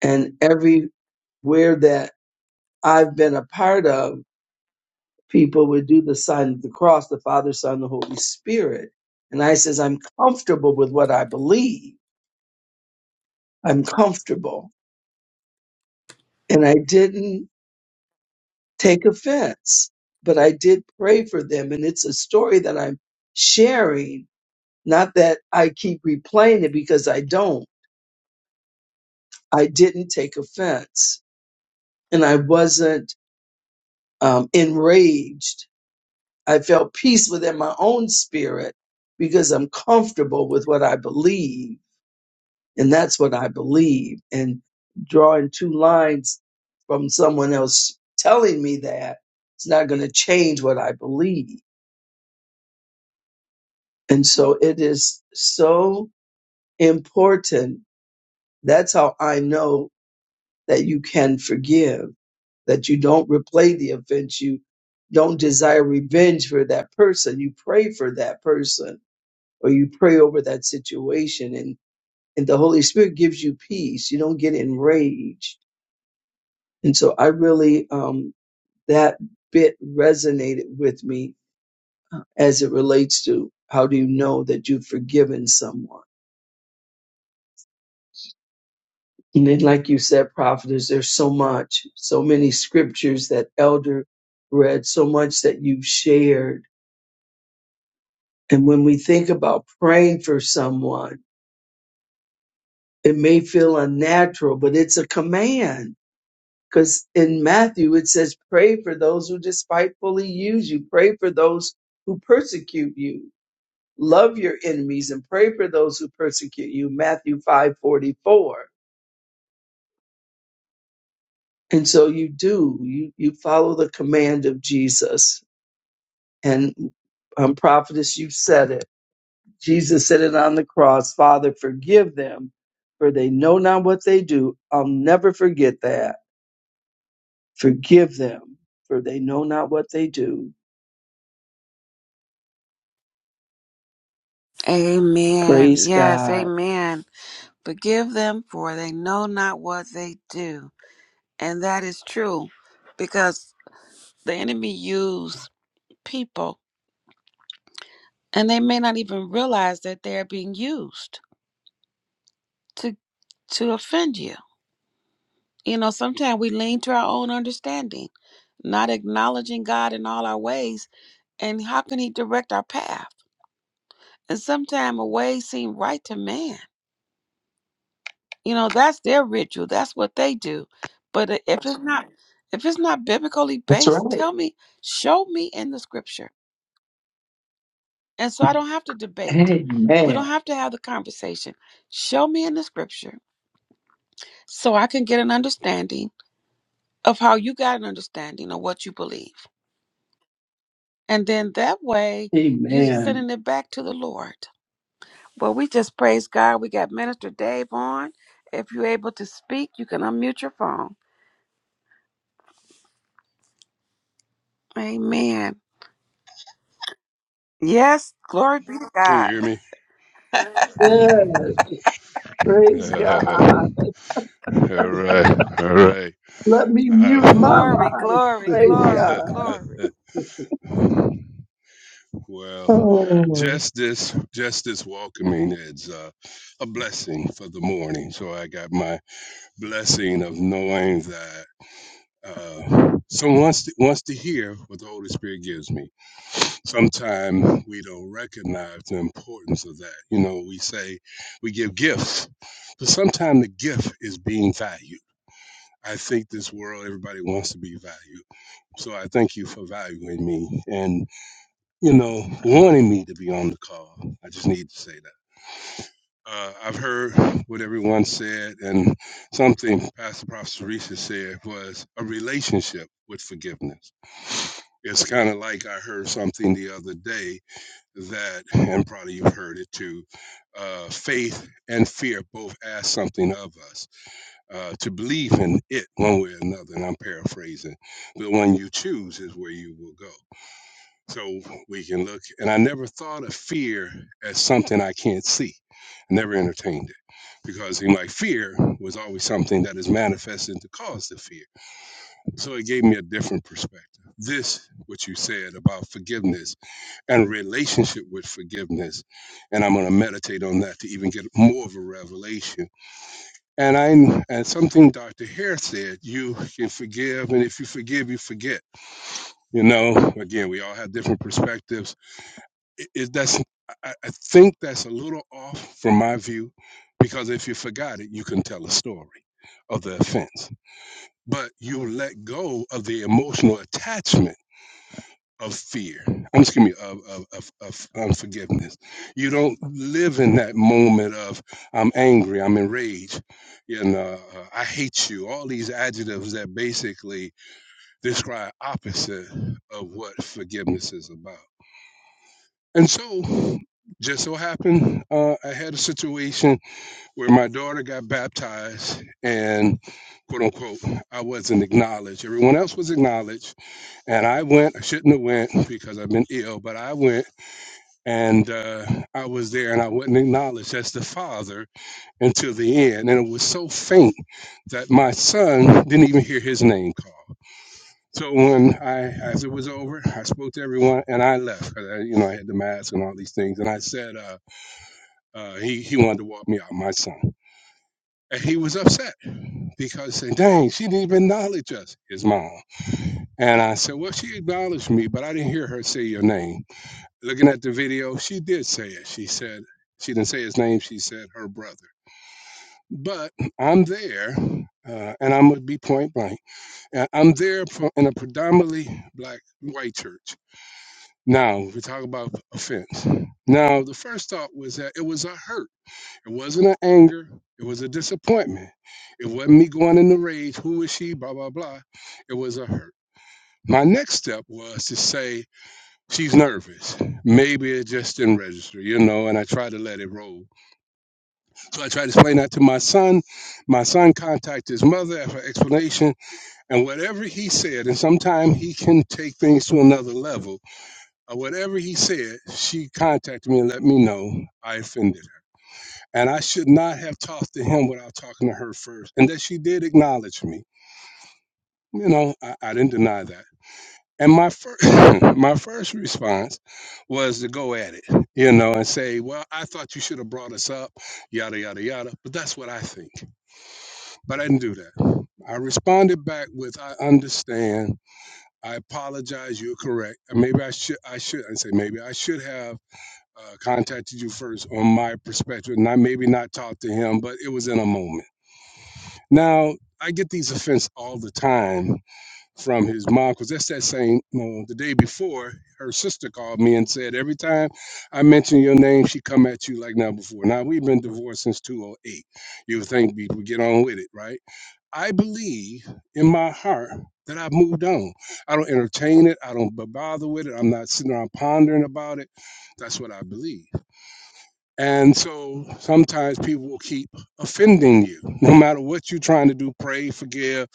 And everywhere that I've been a part of people would do the sign of the cross, the Father, Son, the Holy Spirit. And I says, I'm comfortable with what I believe. I'm comfortable. And I didn't take offense, but I did pray for them. And it's a story that I'm sharing, not that I keep replaying it because I don't. I didn't take offense and I wasn't um, enraged. I felt peace within my own spirit because I'm comfortable with what I believe And that's what I believe. And drawing two lines from someone else telling me that it's not going to change what I believe. And so it is so important. That's how I know that you can forgive, that you don't replay the offense. You don't desire revenge for that person. You pray for that person or you pray over that situation and, and the Holy Spirit gives you peace. You don't get enraged And so I really, um, that bit resonated with me as it relates to how do you know that you've forgiven someone? And then, like you said, prophetess, there's so much, so many scriptures that elder read, so much that you've shared. And when we think about praying for someone, it may feel unnatural, but it's a command. Because in Matthew, it says, pray for those who despitefully use you, pray for those who persecute you love your enemies and pray for those who persecute you matthew 5 44. and so you do you you follow the command of jesus and um, prophetess you said it jesus said it on the cross father forgive them for they know not what they do i'll never forget that forgive them for they know not what they do Amen. praise Yes, god amen. Forgive them for they know not what they do. And that is true because The enemy use people and they may not even realize that they're being used to to offend you. You know, sometimes we lean to our own understanding, not acknowledging God in all our ways, and how can he direct our path? And sometimes a way seem right to man. You know, that's their ritual. That's what they do. But uh, if it's not if it's not biblically that's based, right tell me, show me in the scripture And so I don't have to debate. We amen don't have to have the conversation. Show me in the scripture so I can get an understanding of how you got an understanding of what you believe. And then that way you're amen sending it back to the Lord. Well, we just praise God. We got Minister Dave on. If you're able to speak, you can unmute your phone. Amen. Yes, glory be to Can you God. hear me? yeah praise god Uh, all right, all right. Let me mute Uh, my Glory, line. glory, Praise glory, God. glory. well, Oh, just this, just this welcoming is uh, a blessing for the morning. So I got my blessing of knowing that uh, someone wants to, wants to hear what the Holy Spirit gives me. Sometimes we don't recognize the importance of that. You know, we say we give gifts, but sometimes the gift is being valued. I think this world, everybody wants to be valued. So I thank you for valuing me and, you know, wanting me to be on the call. I just need to say that. Uh, I've heard what everyone said, and something Pastor Prophet Teresa said was a relationship with forgiveness. It's kind of like I heard something the other day that, and probably you've heard it too, uh, faith and fear both ask something of us uh, to believe in it one way or another. And I'm paraphrasing. The one you choose is where you will go. So we can look. And I never thought of fear as something I can't see. I never entertained it because in my fear was always something that is manifesting to cause the fear. So it gave me a different perspective. This, what you said about forgiveness and relationship with forgiveness. And I'm going to meditate on that to even get more of a revelation and I and something Dr. Hare said, you can forgive, and if you forgive, you forget. You know, again, we all have different perspectives. It, it, that's I, I I think that's a little off from my view, because if you forgot it, you can tell a story of the offense. But you let go of the emotional attachment of fear. I'm excuse me of of, of of unforgiveness. You don't live in that moment of I'm angry, I'm enraged, you know, uh, I hate you. All these adjectives that basically describe opposite of what forgiveness is about. And so, just so happened, uh, I had a situation where my daughter got baptized, and quote unquote, I wasn't acknowledged. Everyone else was acknowledged and I went, I shouldn't have went because I've been ill, but I went and uh, I was there and I wasn't acknowledged as the father until the end. And it was so faint that my son didn't even hear his name called. So when I, as it was over, I spoke to everyone and I left. 'cause I, you know, I had the mask and all these things. And I said, uh, uh, he, he wanted to walk me out, my son. And he was upset because he said, dang, she didn't even acknowledge us, his mom. And I said, well, she acknowledged me, but I didn't hear her say your name. Looking at the video, she did say it. She said, she didn't say his name, she said her brother. But I'm there, uh, and I'm going to be point blank. Uh, I'm there for, in a predominantly black, white church. Now, we talk about offense. Now, the first thought was that it was a hurt. It wasn't an anger. It was a disappointment. It wasn't me going in the rage. Who is she? Blah, blah, blah. It was a hurt. My next step was to say, She's nervous. Maybe it just didn't register, you know, and I try to let it roll. So I try to explain that to my son. My son contacted his mother for explanation, and whatever he said, and sometimes he can take things to another level, or whatever he said, she contacted me and let me know I offended her. And I should not have talked to him without talking to her first, and that she did acknowledge me. You know, I, I didn't deny that. And my first, my first response was to go at it, you know, and say, "Well, I thought you should have brought us up, yada yada yada." But that's what I think. But I didn't do that. I responded back with, "I understand. I apologize. You're correct. And maybe I should. I should. I say maybe I should have uh, contacted you first on my perspective, and I maybe not talked to him, but it was in a moment. Now I get these offense all the time." from his mom because that's that same you know, the day before her sister called me and said every time i mention your name she come at you like never before now we've been divorced since 208 you would think we would get on with it right i believe in my heart that i've moved on i don't entertain it i don't b- bother with it i'm not sitting around pondering about it that's what i believe and so sometimes people will keep offending you, no matter what you're trying to do, pray, forgive.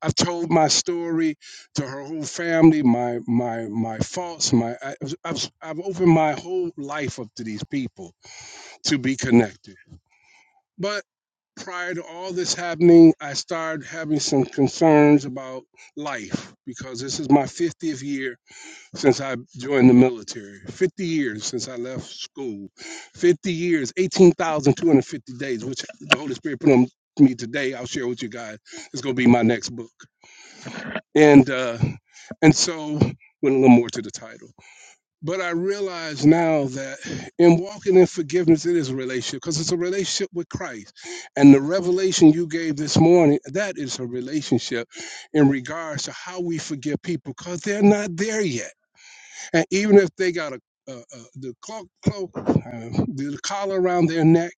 I've told my story to her whole family, my my my faults, my I, I've I've opened my whole life up to these people to be connected. But prior to all this happening, I started having some concerns about life because this is my 50th year since I joined the military, 50 years since I left school, 50 years, 18,250 days, which the Holy Spirit put on me today. I'll share with you guys. It's going to be my next book. And, uh, and so, went a little more to the title. But I realize now that in walking in forgiveness, it is a relationship because it's a relationship with Christ. And the revelation you gave this morning, that is a relationship in regards to how we forgive people because they're not there yet and even if they got a, a, a the cloak, cloak uh, the collar around their neck,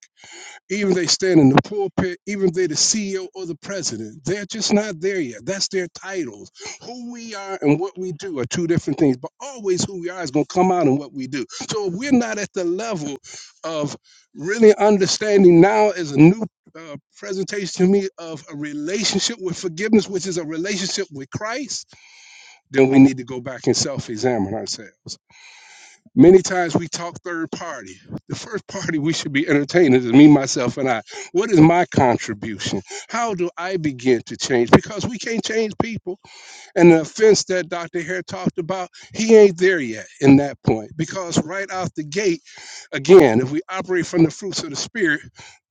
even if they stand in the pulpit, even if they're the CEO or the president, they're just not there yet. That's their titles. Who we are and what we do are two different things, but always who we are is going to come out in what we do. So if we're not at the level of really understanding now is a new uh, presentation to me of a relationship with forgiveness, which is a relationship with Christ, then we need to go back and self examine ourselves. Many times we talk third party. The first party we should be entertaining is me, myself, and I. What is my contribution? How do I begin to change? Because we can't change people. And the offense that Dr. Hare talked about, he ain't there yet in that point. Because right out the gate, again, if we operate from the fruits of the spirit,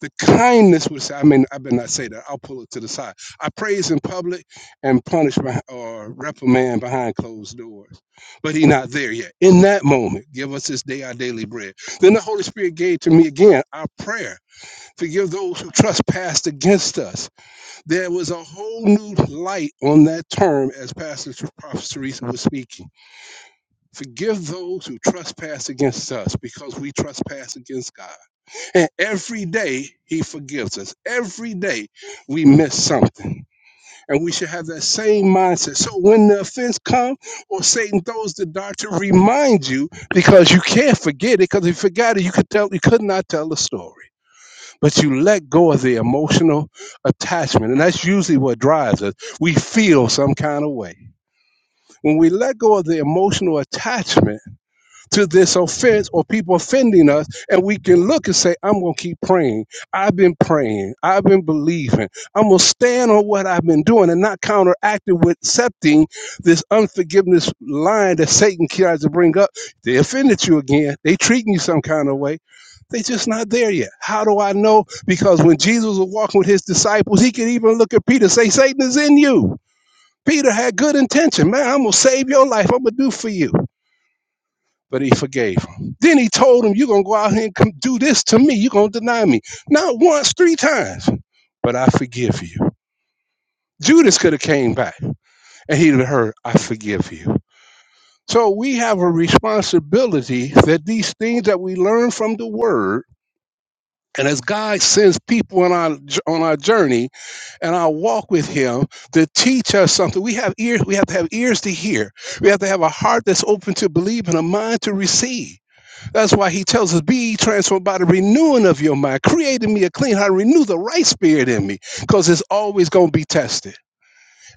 the kindness would say, I mean, I better not say that. I'll pull it to the side. I praise in public and punish behind, or reprimand behind closed doors. But he not there yet. In that moment, give us this day our daily bread. Then the Holy Spirit gave to me again our prayer. Forgive those who trespass against us there was a whole new light on that term as Pastor Ter- Prophet Teresa was speaking. Forgive those who trespass against us because we trespass against God. And every day he forgives us. Every day we miss something. And we should have that same mindset. So when the offense comes or Satan throws the dart to remind you because you can't forget it because if you forgot it, you could tell you could not tell the story but you let go of the emotional attachment. And that's usually what drives us. We feel some kind of way. When we let go of the emotional attachment, to this offense or people offending us, and we can look and say, I'm going to keep praying. I've been praying. I've been believing. I'm going to stand on what I've been doing and not counteract it with accepting this unforgiveness line that Satan tries to bring up. They offended you again. They treating you some kind of way. They just not there yet. How do I know? Because when Jesus was walking with his disciples, he could even look at Peter and say, Satan is in you. Peter had good intention. Man, I'm going to save your life. I'm going to do for you but he forgave him. Then he told him, You're going to go out here and come do this to me. You're going to deny me. Not once, three times, but I forgive you. Judas could have came back and he'd have heard, I forgive you. So we have a responsibility that these things that we learn from the word, and as God sends people on our on our journey and our walk with him to teach us something. We have ears, we have to have ears to hear. We have to have a heart that's open to believe and a mind to receive. That's why he tells us, Be transformed by the renewing of your mind. Create in me a clean heart, renew the right spirit in me, because it's always going to be tested.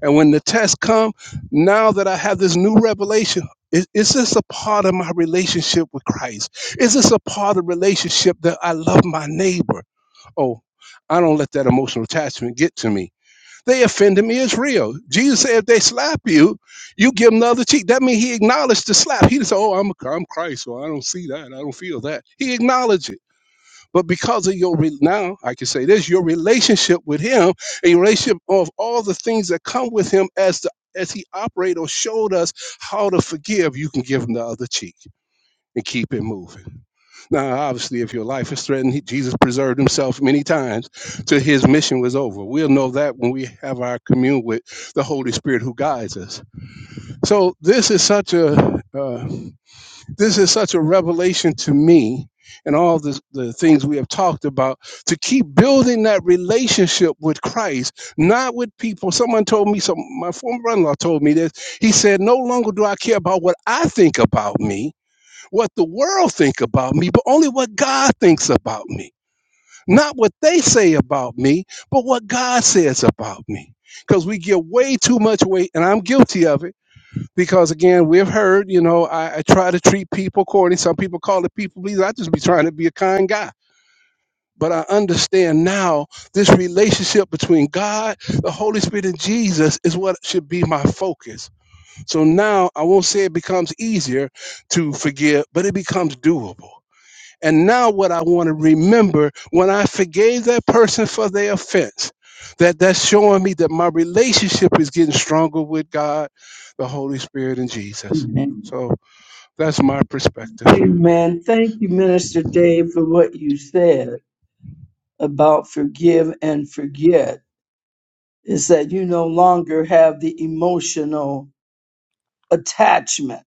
And when the test come, now that I have this new revelation, is, is this a part of my relationship with Christ? Is this a part of the relationship that I love my neighbor? Oh, I don't let that emotional attachment get to me. They offended me is real. Jesus said, if they slap you, you give them the other cheek. That means he acknowledged the slap. He didn't say, oh, I'm, I'm Christ, so I don't see that. I don't feel that. He acknowledged it. But because of your, re- now I can say this, your relationship with him, a relationship of all the things that come with him as the as he operated or showed us how to forgive, you can give him the other cheek and keep it moving. Now, obviously, if your life is threatened, Jesus preserved himself many times till his mission was over. We'll know that when we have our commune with the Holy Spirit who guides us. So this is such a uh, this is such a revelation to me, and all the the things we have talked about to keep building that relationship with Christ, not with people. Someone told me, some my former brother-in-law told me this. He said, "No longer do I care about what I think about me." what the world think about me, but only what God thinks about me. Not what they say about me, but what God says about me. Because we give way too much weight, and I'm guilty of it. Because again, we've heard, you know, I, I try to treat people according. Some people call it people please. I just be trying to be a kind guy. But I understand now this relationship between God, the Holy Spirit, and Jesus is what should be my focus. So now I won't say it becomes easier to forgive, but it becomes doable and now, what I want to remember when I forgave that person for their offense, that that's showing me that my relationship is getting stronger with God, the Holy Spirit, and Jesus. amen. So that's my perspective. Amen. Thank you, Minister Dave, for what you said about forgive and forget. Is that you no longer have the emotional attachment.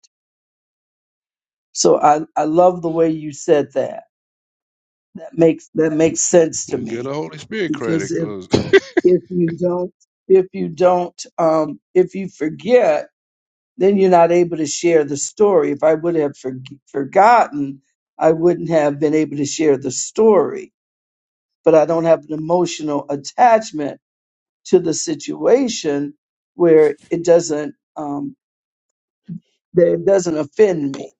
So I, I love the way you said that. That makes that makes sense to And Give the me. Holy Spirit Because credit, if cause if you don't if you don't um if you forget then you're not able to share the story. If I would have forg forgotten, I wouldn't have been able to share the story. But I don't have an emotional attachment to the situation where it doesn't um, that it doesn't offend me.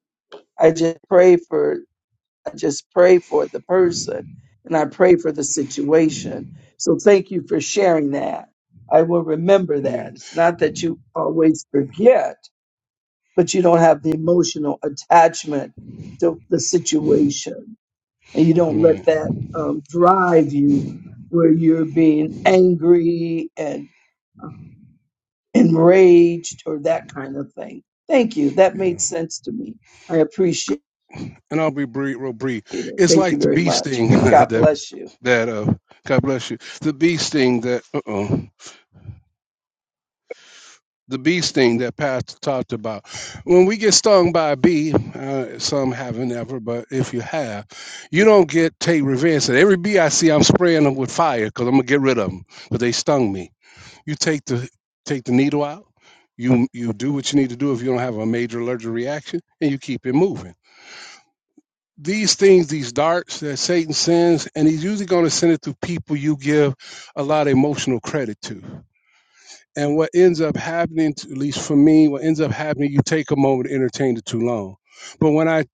I just pray for I just pray for the person and I pray for the situation. So thank you for sharing that. I will remember yeah, that. It's not that you always forget but you don't have the emotional attachment to the situation. And you don't let man, that um, drive you where you're being angry and enraged or that kind of thing. Thank you. That yeah. made sense to me. I Go- appreciate And I'll be brief, real brief. it. It's Thank you like the very bee much. sting God that bless you. that uh, God bless you, the bee sting that uh oh the bee sting that Pastor talked about. When we get stung by a bee, uh, some haven't ever, but if you have, you don't get take revenge. And every bee I see, I'm spraying them with fire because I'm gonna get rid of them But they stung me. You take the take the needle out. You you do what you need to do if you don't have a major allergic reaction, and you keep it moving. These things, these darts that Satan sends, and he's usually going to send it to people you give a lot of emotional credit to and what ends up happening, to, at least for me, what ends up happening, you take a moment to entertain it too long. But when I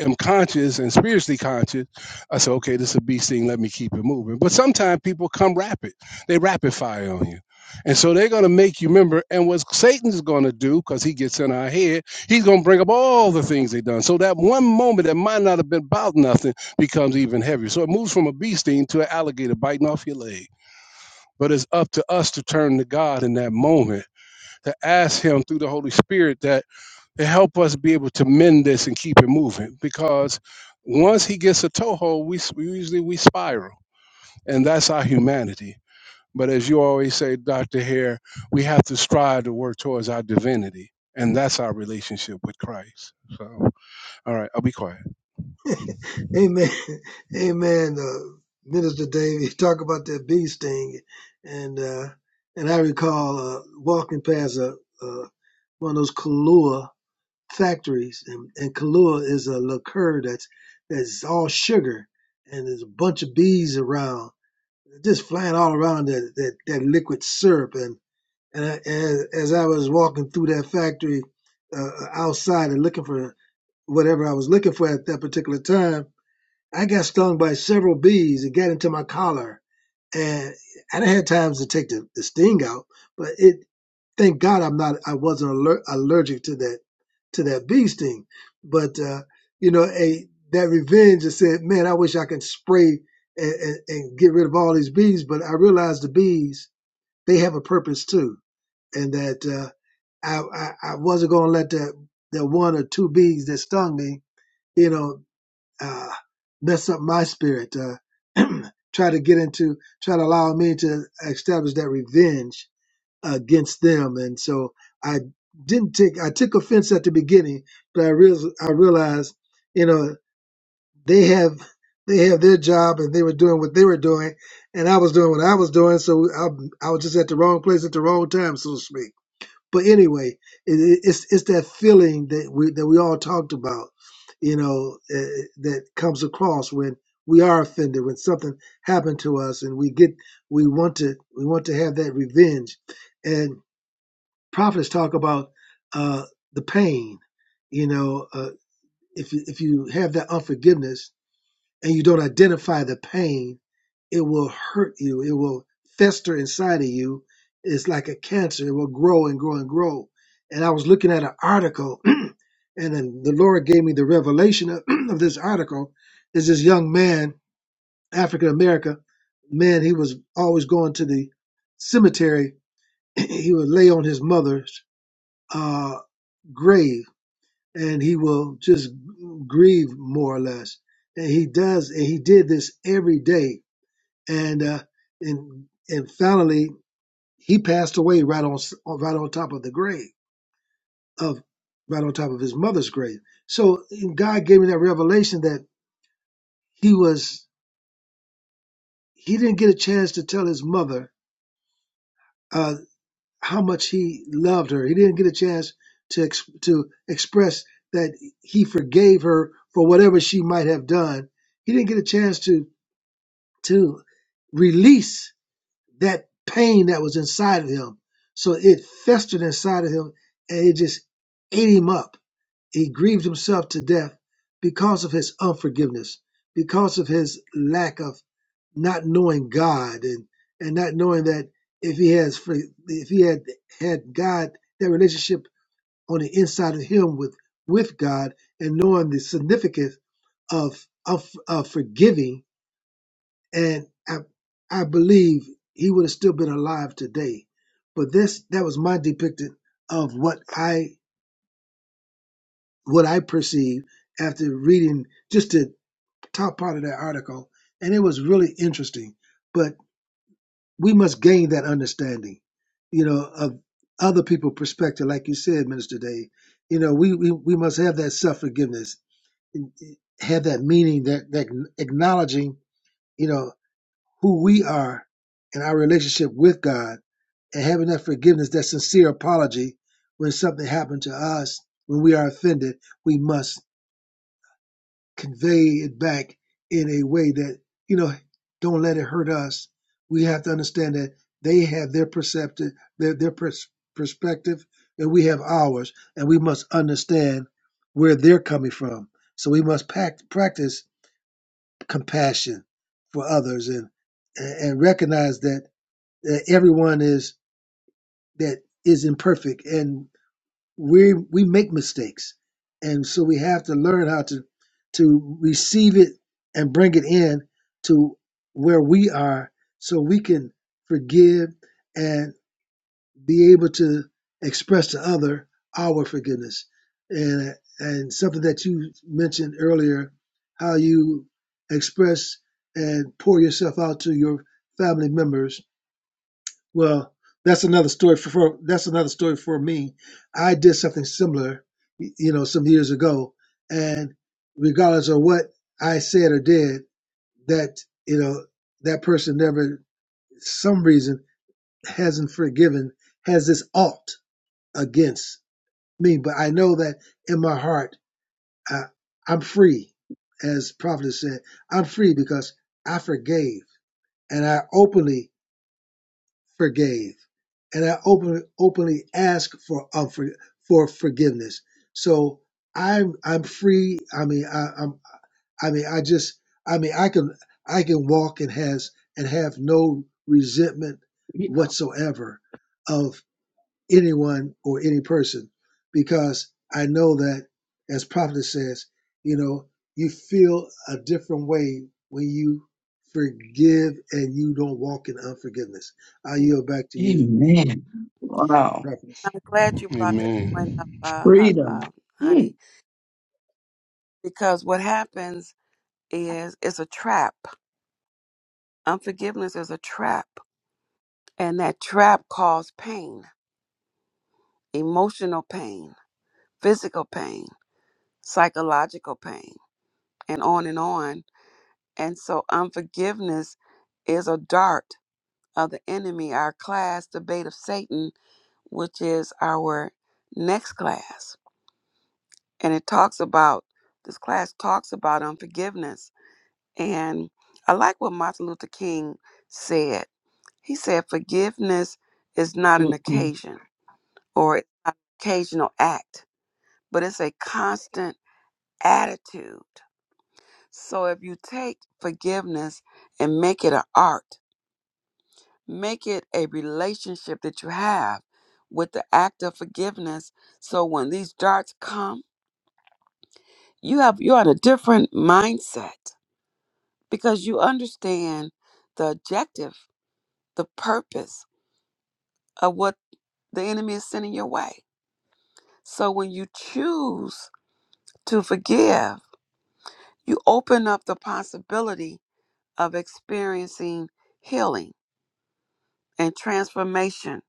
am conscious and spiritually conscious, I say, okay, this is a beast thing. Let me keep it moving. But sometimes people come rapid; they rapid fire on you, and so they're going to make you remember. And what Satan's going to do, because he gets in our head, he's going to bring up all the things they done. So that one moment that might not have been about nothing becomes even heavier. So it moves from a beast thing to an alligator biting off your leg. But it's up to us to turn to God in that moment to ask him through the Holy Spirit that to help us be able to mend this and keep it moving. Because once he gets a toehold, we, s- we usually we spiral, and that's our humanity. But as you always say, Doctor Hare, we have to strive to work towards our divinity, and that's our relationship with Christ. So, all right, I'll be quiet. Amen. Amen. Uh, Minister Dave, you talk about that bee sting, and uh, and I recall uh, walking past a, uh, one of those Kahlua factories, and, and Kahlua is a liqueur that's that's all sugar, and there's a bunch of bees around, just flying all around that that, that liquid syrup, and and I, as, as I was walking through that factory uh, outside and looking for whatever I was looking for at that particular time I got stung by several bees. It got into my collar, and I didn't have times to take the, the sting out. But it, thank God, I'm not. I wasn't aller- allergic to that to that bee sting. But uh, you know, a that revenge. I said, man, I wish I could spray and, and, and get rid of all these bees. But I realized the bees they have a purpose too, and that uh, I, I I wasn't going to let that that one or two bees that stung me, you know, uh, mess up my spirit, uh, try to get into, try to allow me to establish that revenge against them. And so I didn't take, I took offense at the beginning, but I realized, I realized, you know, they have, they have their job and they were doing what they were doing and I was doing what I was doing. So I, I was just at the wrong place at the wrong time, so to speak. But anyway, it, it- it's it's that feeling that we that we all talked about, you know, uh, that comes across when we are offended when something happened to us, and we get we want to we want to have that revenge, and prophets talk about uh, the pain, you know, uh, if you, if you have that unforgiveness and you don't identify the pain it will hurt you. It will fester inside of you. It's like a cancer. It will grow and grow and grow. And I was looking at an article, and then the Lord gave me the revelation of, of this article. Is this young man, African American man? He was always going to the cemetery. he would lay on his mother's uh, grave, and he will just grieve more or less. And he does, and he did this every day and uh, and and finally he passed away right on right on top of the grave of right on top of his mother's grave. So and God gave me that revelation that he was he didn't get a chance to tell his mother uh, how much he loved her. He didn't get a chance to ex- to express that he forgave her for whatever she might have done. He didn't get a chance to to release that pain that was inside of him. So it festered inside of him and it just ate him up. He grieved himself to death because of his unforgiveness, because of his lack of not knowing God and, and not knowing that if he has fr- if he had had God that relationship on the inside of him with with God and knowing the significance of of, of forgiving and I, I believe he would have still been alive today. But this that was my depiction of what I what I perceived after reading just the top part of that article, and it was really interesting. But we must gain that understanding, you know, of other people's perspective, like you said, Minister Dave. You know, we we, we must have that self forgiveness, have that meaning, that that acknowledging, you know, who we are in our relationship with God and having that forgiveness, that sincere apology when something happened to us, when we are offended, we must convey it back in a way that, you know, don't let it hurt us. We have to understand that they have their perceptive, their, their pers- perspective, and we have ours, and we must understand where they're coming from. So we must pact, practice compassion for others and, and recognize that, that everyone is, that is imperfect and we we make mistakes and so we have to learn how to to receive it and bring it in to where we are so we can forgive and be able to express to other our forgiveness and and something that you mentioned earlier how you express and pour yourself out to your family members well, that's another story for, for that's another story for me. I did something similar, y- you know, some years ago, and regardless of what I said or did, that you know that person never, some reason, hasn't forgiven, has this alt against me. But I know that in my heart, I, I'm free, as Prophet said, I'm free because I forgave and I openly forgave, and I open, openly ask for um, for, for forgiveness. So I'm I'm free. I mean I, I'm I mean I just I mean I can I can walk and has and have no resentment Freedom. whatsoever of anyone or any person because I know that, as Prophet says, you know, you feel a different way when you forgive and you don't walk in unforgiveness. I yield back to you, Amen. Wow. Prophet. I'm glad you brought that point up, Amen. uh, hu- Freedom. uh, Mm, honey. because what happens is it's a trap. Unforgiveness is a trap, and that trap causes pain, emotional pain, physical pain, psychological pain, and on and on. And so, unforgiveness is a dart of the enemy, our class, the bait of Satan, which is our next class. And it talks about, this class talks about unforgiveness. And I like what Martin Luther King said He said forgiveness is not an mm, mm. occasion or it's not an occasional act, but it's a constant attitude. So if you take forgiveness and make it an art, make it a relationship that you have with the act of forgiveness. So when these darts come, you have you're in a different mindset because you understand the objective, the purpose of what the enemy is sending your way. So when you choose to forgive, you open up the possibility of experiencing healing and transformation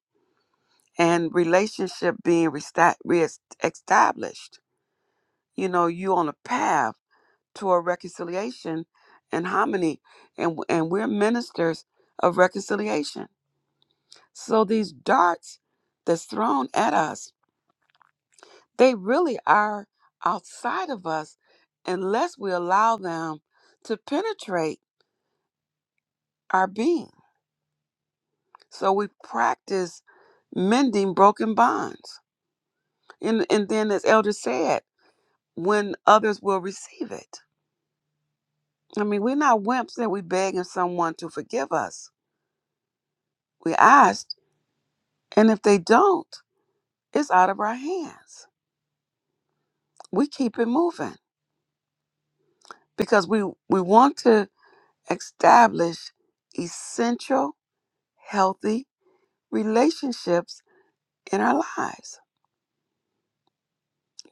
and relationship being resta- reestablished. You know, you on a path to a reconciliation and harmony, and, and we're ministers of reconciliation. So these darts that's thrown at us, they really are outside of us unless we allow them to penetrate our being So we practice mending broken bonds. And and then as Elder said, when others will receive it. I mean, we're not wimps that we begging someone to forgive us. We asked, and if they don't, it's out of our hands. We keep it moving because we, we want to establish essential, healthy relationships in our lives.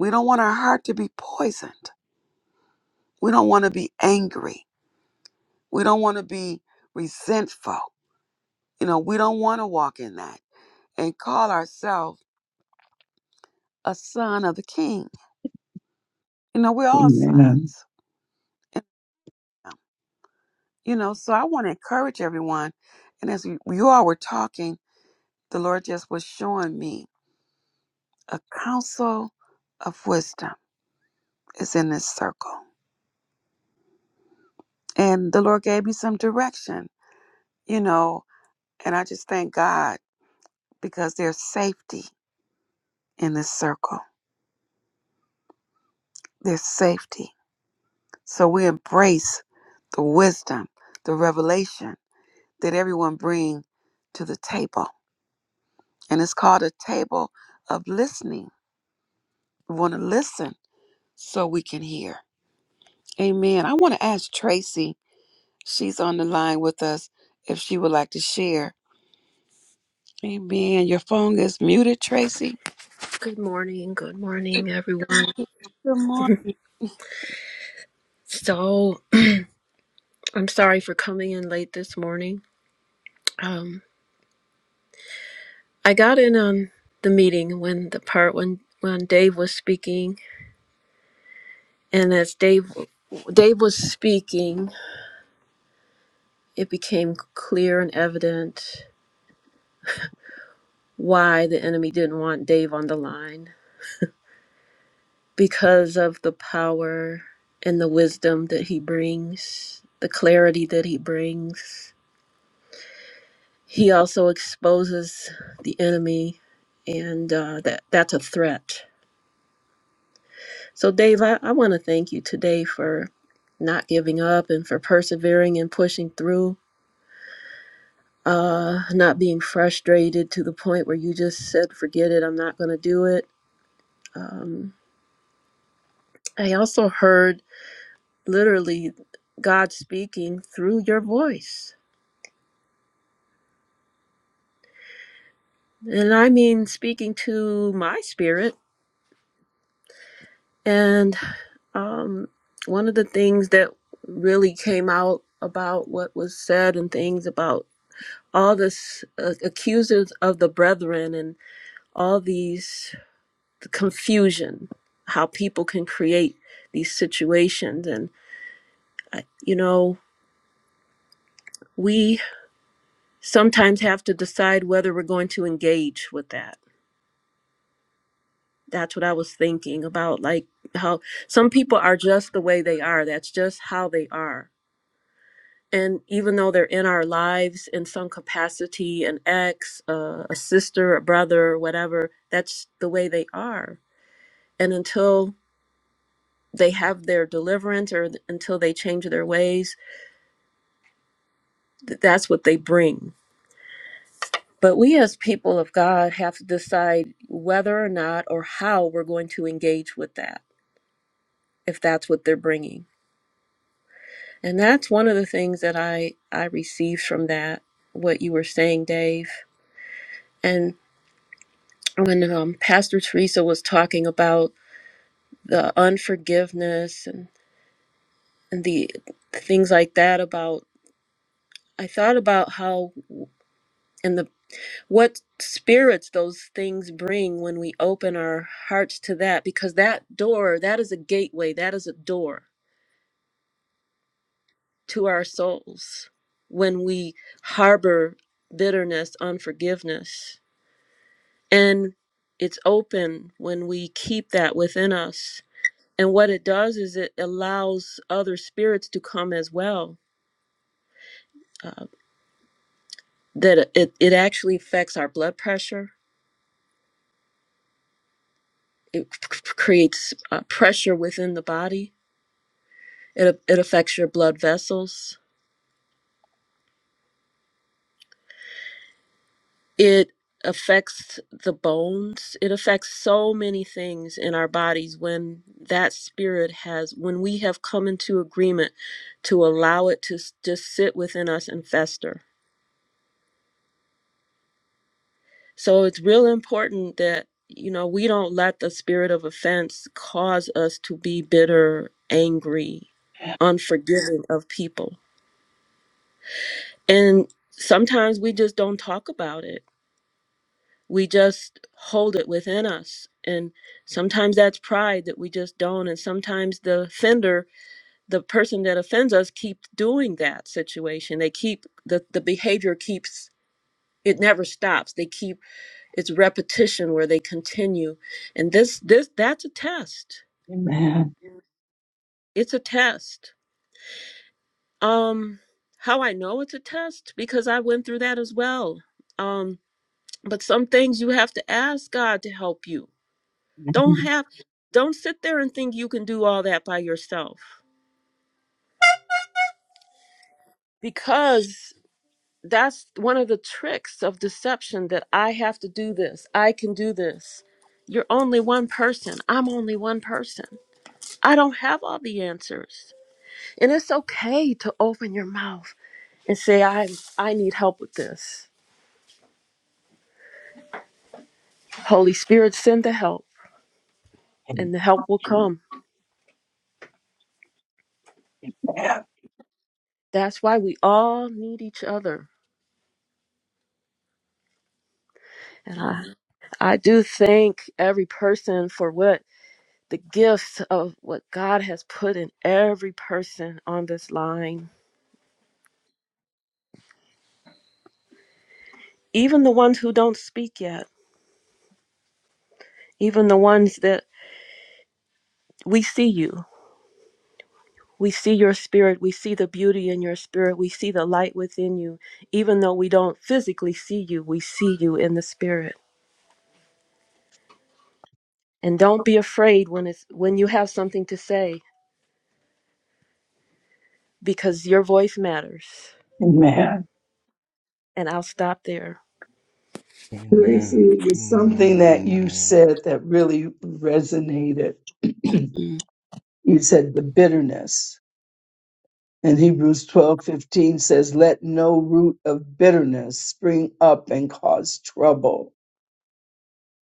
We don't want our heart to be poisoned. We don't want to be angry. We don't want to be resentful. You know, we don't want to walk in that and call ourselves a son of the king. You know, we're all Amen. sons. in Him. You know, so I want to encourage everyone. And as we- you all were talking, the Lord just was showing me a counsel of wisdom is in this circle. And the Lord gave me some direction, you know, and I just thank God because there's safety in this circle. There's safety. So we embrace the wisdom, the revelation that everyone bring to the table. And it's called a table of listening. We want to listen so we can hear. Amen. I want to ask Tracy, she's on the line with us, if she would like to share. Amen. Your phone is muted, Tracy. Good morning. Good morning, everyone. Good morning. So, I'm sorry for coming in late this morning. Um, I got in on the meeting when the part when when Dave was speaking, and as Dave Dave was speaking, it became clear and evident why the enemy didn't want Dave on the line because of the power and the wisdom that he brings, the clarity that he brings He also exposes the enemy, and uh, that that's a threat. So, Dave, I, I want to thank you today for not giving up and for persevering and pushing through. Uh, not being frustrated to the point where you just said, "Forget it, I'm not going to do it." Um, I also heard literally God speaking through your voice, and I mean speaking to my spirit. and. Um, one of the things that really came out about what was said and things about all this uh, accusers of the brethren and all these confusion, how people can create these situations. And, I- you know, we sometimes have to decide whether we're going to engage with that. That's what I was thinking about, like how some people are just the way they are. That's just how they are and even though they're in our lives in some capacity an ex uh, a sister a brother whatever that's the way they are and until they have their deliverance or th- until they change their ways th- that's what they bring but we as people of god have to decide whether or not or how we're going to engage with that if that's what they're bringing and that's one of the things that i i received from that what you were saying dave and. when um, Pastor Teresa was talking about the unforgiveness and, and the things like that about I thought about how and the what spirits those things bring when we open our hearts to that because that door that is a gateway that is a door to our souls when we harbor bitterness unforgiveness and it's open when we keep that within us and what it does is it allows other spirits to come as well uh, that it, it actually affects our blood pressure it c- c- creates uh, pressure within the body it, it affects your blood vessels it affects the bones it affects so many things in our bodies when that spirit has when we have come into agreement to allow it to s- just sit within us and fester So it's real important that, you know, we don't let the spirit of offense cause us to be bitter, angry, unforgiving of people. And sometimes we just don't talk about it. We just hold it within us. And sometimes that's pride that we just don't. And sometimes the offender, the person that offends us, keeps doing that situation. They keep the, the behavior keeps it never stops. They keep It's repetition where they continue. And this this that's a test. Amen. It's a test. Um how I know it's a test because I went through that as well. Um but some things you have to ask God to help you. Don't have don't sit there and think you can do all that by yourself because that's one of the tricks of deception that I have to do this. I can do this. You're only one person. I'm only one person. I don't have all the answers. And it's okay to open your mouth and say, I, I need help with this. Holy Spirit, send the help, Amen. and the help will come. That's why we all need each other. And I, I do thank every person for what the gifts of what God has put in every person on this line, even the ones who don't speak yet, even the ones that we see you. We see your spirit. We see the beauty in your spirit. We see the light within you. Even though we don't physically see you, we see you in the spirit. And don't be afraid when it's when you have something to say because your voice matters. Amen. And I'll stop there. Tracy, Amen. it was something Amen. that you Amen. said that really resonated. you Mm. said the bitterness. And Hebrews twelve fifteen says, Let no root of bitterness spring up and cause trouble.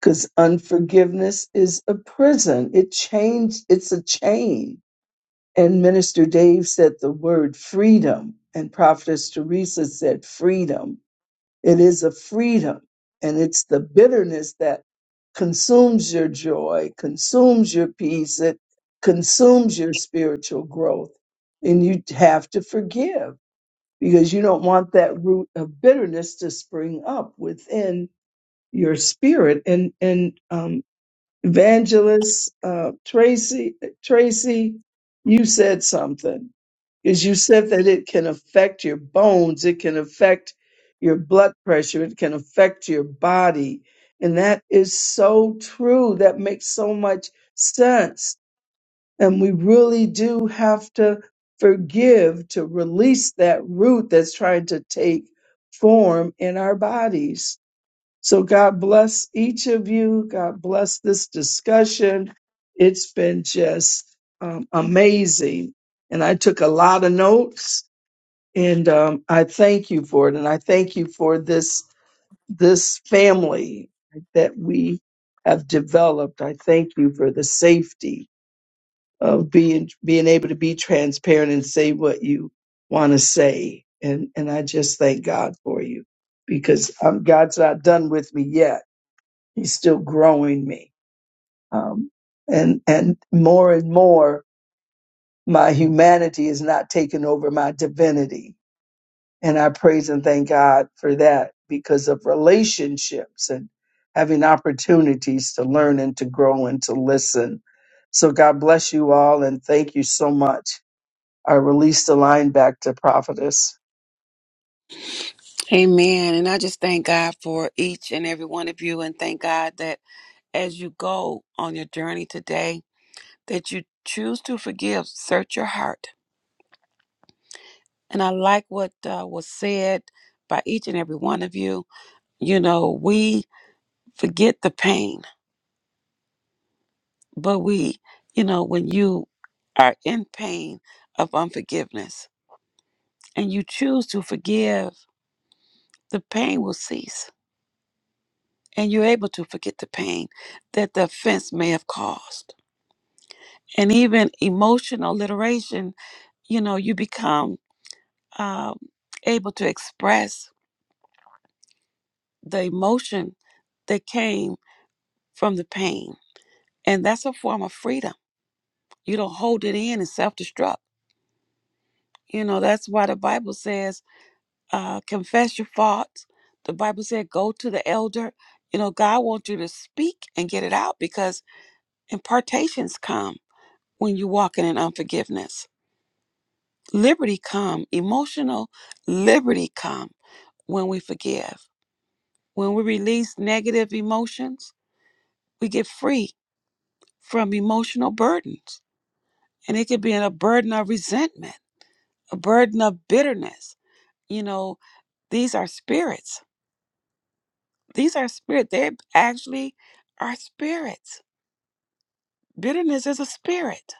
Because unforgiveness is a prison. It changed, it's a chain. And Minister Dave said the word freedom, and Prophetess Teresa said freedom It is a freedom, and it's the bitterness that consumes your joy, consumes your peace, it consumes your spiritual growth. And you have to forgive because you don't want that root of bitterness to spring up within your spirit and and um, Evangelist uh, Tracy, Tracy, you said something Is you said that it can affect your bones, it can affect your blood pressure, it can affect your body, and that is so true. That makes so much sense, and we really do have to forgive to release that root that's trying to take form in our bodies. So God bless each of you. God bless this discussion. It's been just um, amazing. And I took a lot of notes and um, I thank you for it. And I thank you for this, this family that we have developed. I thank you for the safety of being, being able to be transparent and say what you want to say. And, and I just thank God for you because um, God's not done with me yet He's still growing me. Um, and, and more and more, my humanity is not taking over my divinity. And I praise and thank God for that because of relationships and having opportunities to learn and to grow and to listen. So God bless you all and thank you so much. I release the line back to Prophetess. Amen. And I just thank God for each and every one of you and thank God that as you go on your journey today, that you choose to forgive, search your heart. And I like what uh, was said by each and every one of you. You know, we forget the pain, but we, you know, when you are in pain of unforgiveness and you choose to forgive, the pain will cease and you're able to forget the pain that the offense may have caused. And even emotional literation, you know, you become um, able to express the emotion that came from the pain And that's a form of freedom. You don't hold it in and self destruct. You know, that's why the Bible says, uh, confess your faults. The Bible said, go to the elder. You know, God wants you to speak and get it out because impartations come when you walking in unforgiveness. Liberty come, emotional liberty come when we forgive. When we release negative emotions, we get free from emotional burdens. And it could be a burden of resentment a burden of bitterness. You know, these are spirits. These are spirit. They actually are spirits. Bitterness is a spirit.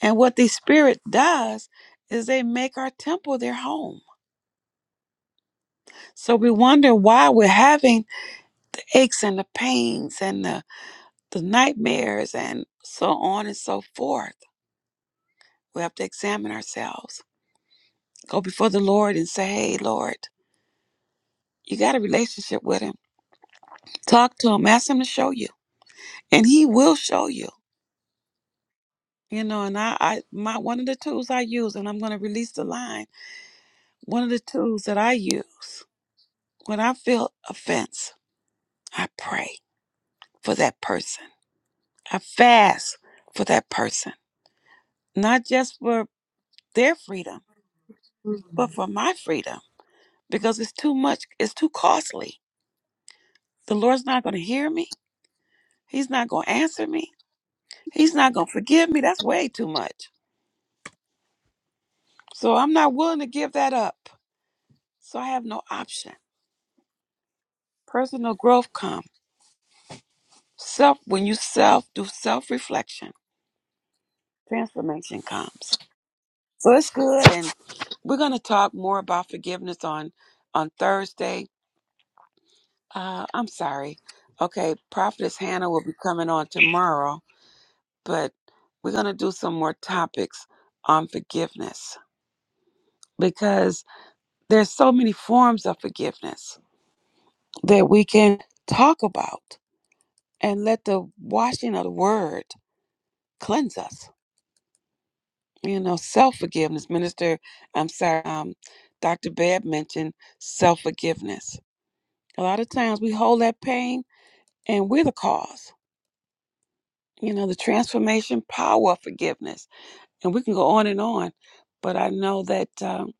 And what the spirit does is they make our temple their home. So we wonder why we're having the aches and the pains and the, the nightmares and so on and so forth. We have to examine ourselves. Go before the Lord and say, Hey, Lord, you got a relationship with Him. Talk to Him. Ask Him to show you. And He will show you. You know, and I, I my one of the tools I use, and I'm gonna release the line, one of the tools that I use when I feel offense, I pray for that person. I fast for that person. Not just for their freedom, but Mhm. for my freedom. Because it's too much, it's too costly. The Lord's not gonna hear me. He's not gonna answer me. He's not gonna forgive me. That's way too much. So I'm not willing to give that up. So I have no option. Personal growth comes. Self, when you self do self reflection, transformation comes. So it's good, and we're going to talk more about forgiveness on on Thursday. Uh, I'm sorry. Okay, Prophetess Hannah will be coming on tomorrow, but we're going to do some more topics on forgiveness because there's so many forms of forgiveness that we can talk about and let the washing of the word cleanse us. you know self-forgiveness minister i'm sorry um, dr babb mentioned self-forgiveness a lot of times we hold that pain and we're the cause you know the transformation power of forgiveness and we can go on and on but i know that um,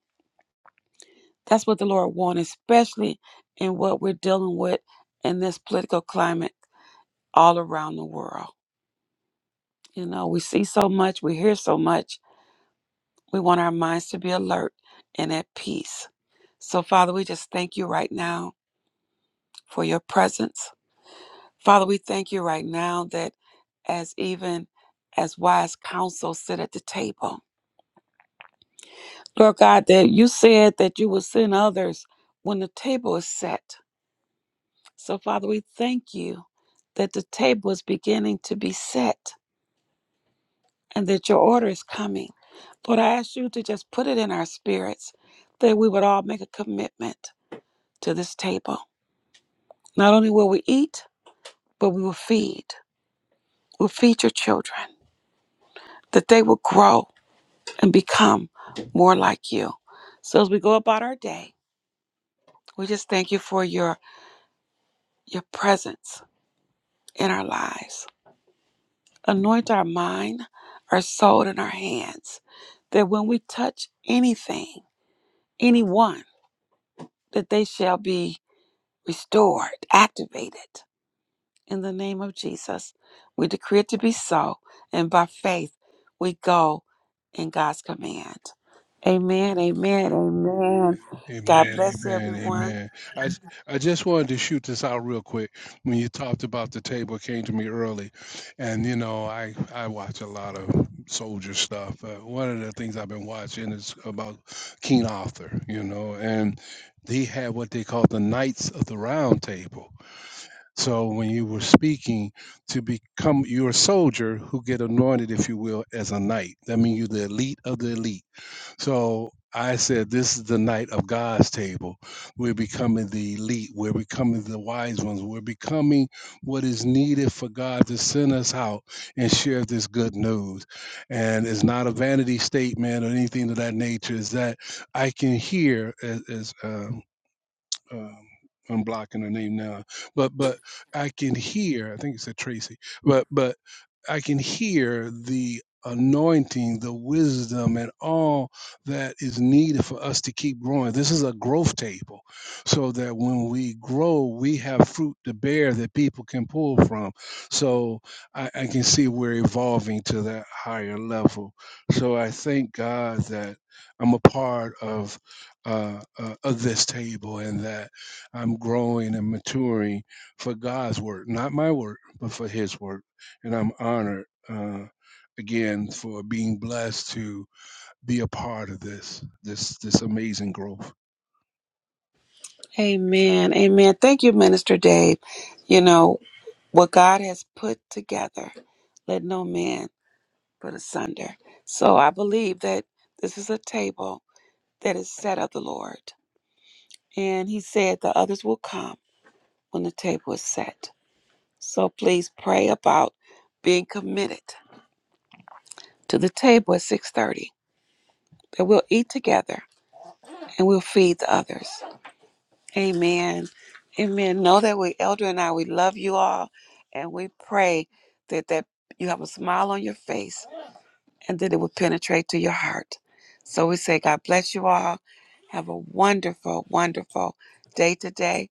that's what the lord wants especially in what we're dealing with in this political climate all around the world you know we see so much we hear so much We want our minds to be alert and at peace. So, Father, we just thank you right now for your presence. Father, we thank you right now that as even as wise counsel sit at the table. Lord God, that you said that you will send others when the table is set. So, Father, we thank you that the table is beginning to be set and that your order is coming. Lord, I ask you to just put it in our spirits that we would all make a commitment to this table Not only will we eat, but we will feed. We'll feed your children, that they will grow and become more like you. So as we go about our day, we just thank you for your your presence in our lives. Anoint our mind, our soul, and our hands, that when we touch anything, anyone, that they shall be restored, activated. In the name of Jesus, we decree it to be so, and by faith, we go in God's command. Amen, amen, amen. God Amen, bless amen, everyone. amen. I j- I just wanted to shoot this out real quick. When you talked about the table, it came to me early, and you know I I watch a lot of soldier stuff. Uh, one of the things I've been watching is about King Arthur, you know, and he had what they call the Knights of the Round Table. So when you were speaking to become you're a soldier who get anointed, if you will, as a knight. That means you're the elite of the elite so I said, This is the night of God's table. We're becoming the elite. We're becoming the wise ones. We're becoming what is needed for God to send us out and share this good news. And it's not a vanity statement or anything of that nature. Is that I can hear, as, as uh, um, I'm blocking her name now, but but I can hear. I think it said Tracy, but but I can hear the anointing, the wisdom, and all that is needed for us to keep growing. This is a growth table, so that when we grow, we have fruit to bear that people can pull from. So I, I can see we're evolving to that higher level. So I thank God that I'm a part of uh, uh, of this table and that I'm growing and maturing for God's work, not my work, but for His work. And I'm honored uh, again for being blessed to be a part of this this this amazing growth. Amen. Amen. Thank you, Minister Dave. You know, what God has put together, let no man put asunder. So I believe that this is a table that is set of the Lord. And he said the others will come when the table is set. So please pray about being committed to the table at 6:30 that we'll eat together and we'll feed the others. Amen. Amen. Know that we elder and I we love you all and we pray that that you have a smile on your face and that it will penetrate to your heart. So we say God bless you all. Have a wonderful wonderful day today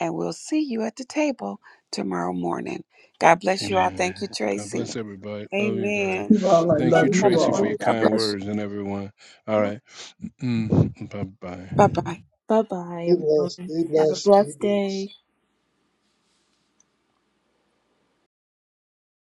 and we'll see you at the table tomorrow morning. God bless you all. Thank you Amen. God Tracy. bless everybody. Love you guys. Amen. You all, I Thank Have you, love you have you a Tracy, for all. your wonderful. kind words and everyone. All right. Mm, bye Bye bye. bye. Bye bye, Be blessed. everyone. Be Have a blessed. Be blessed blessed. day.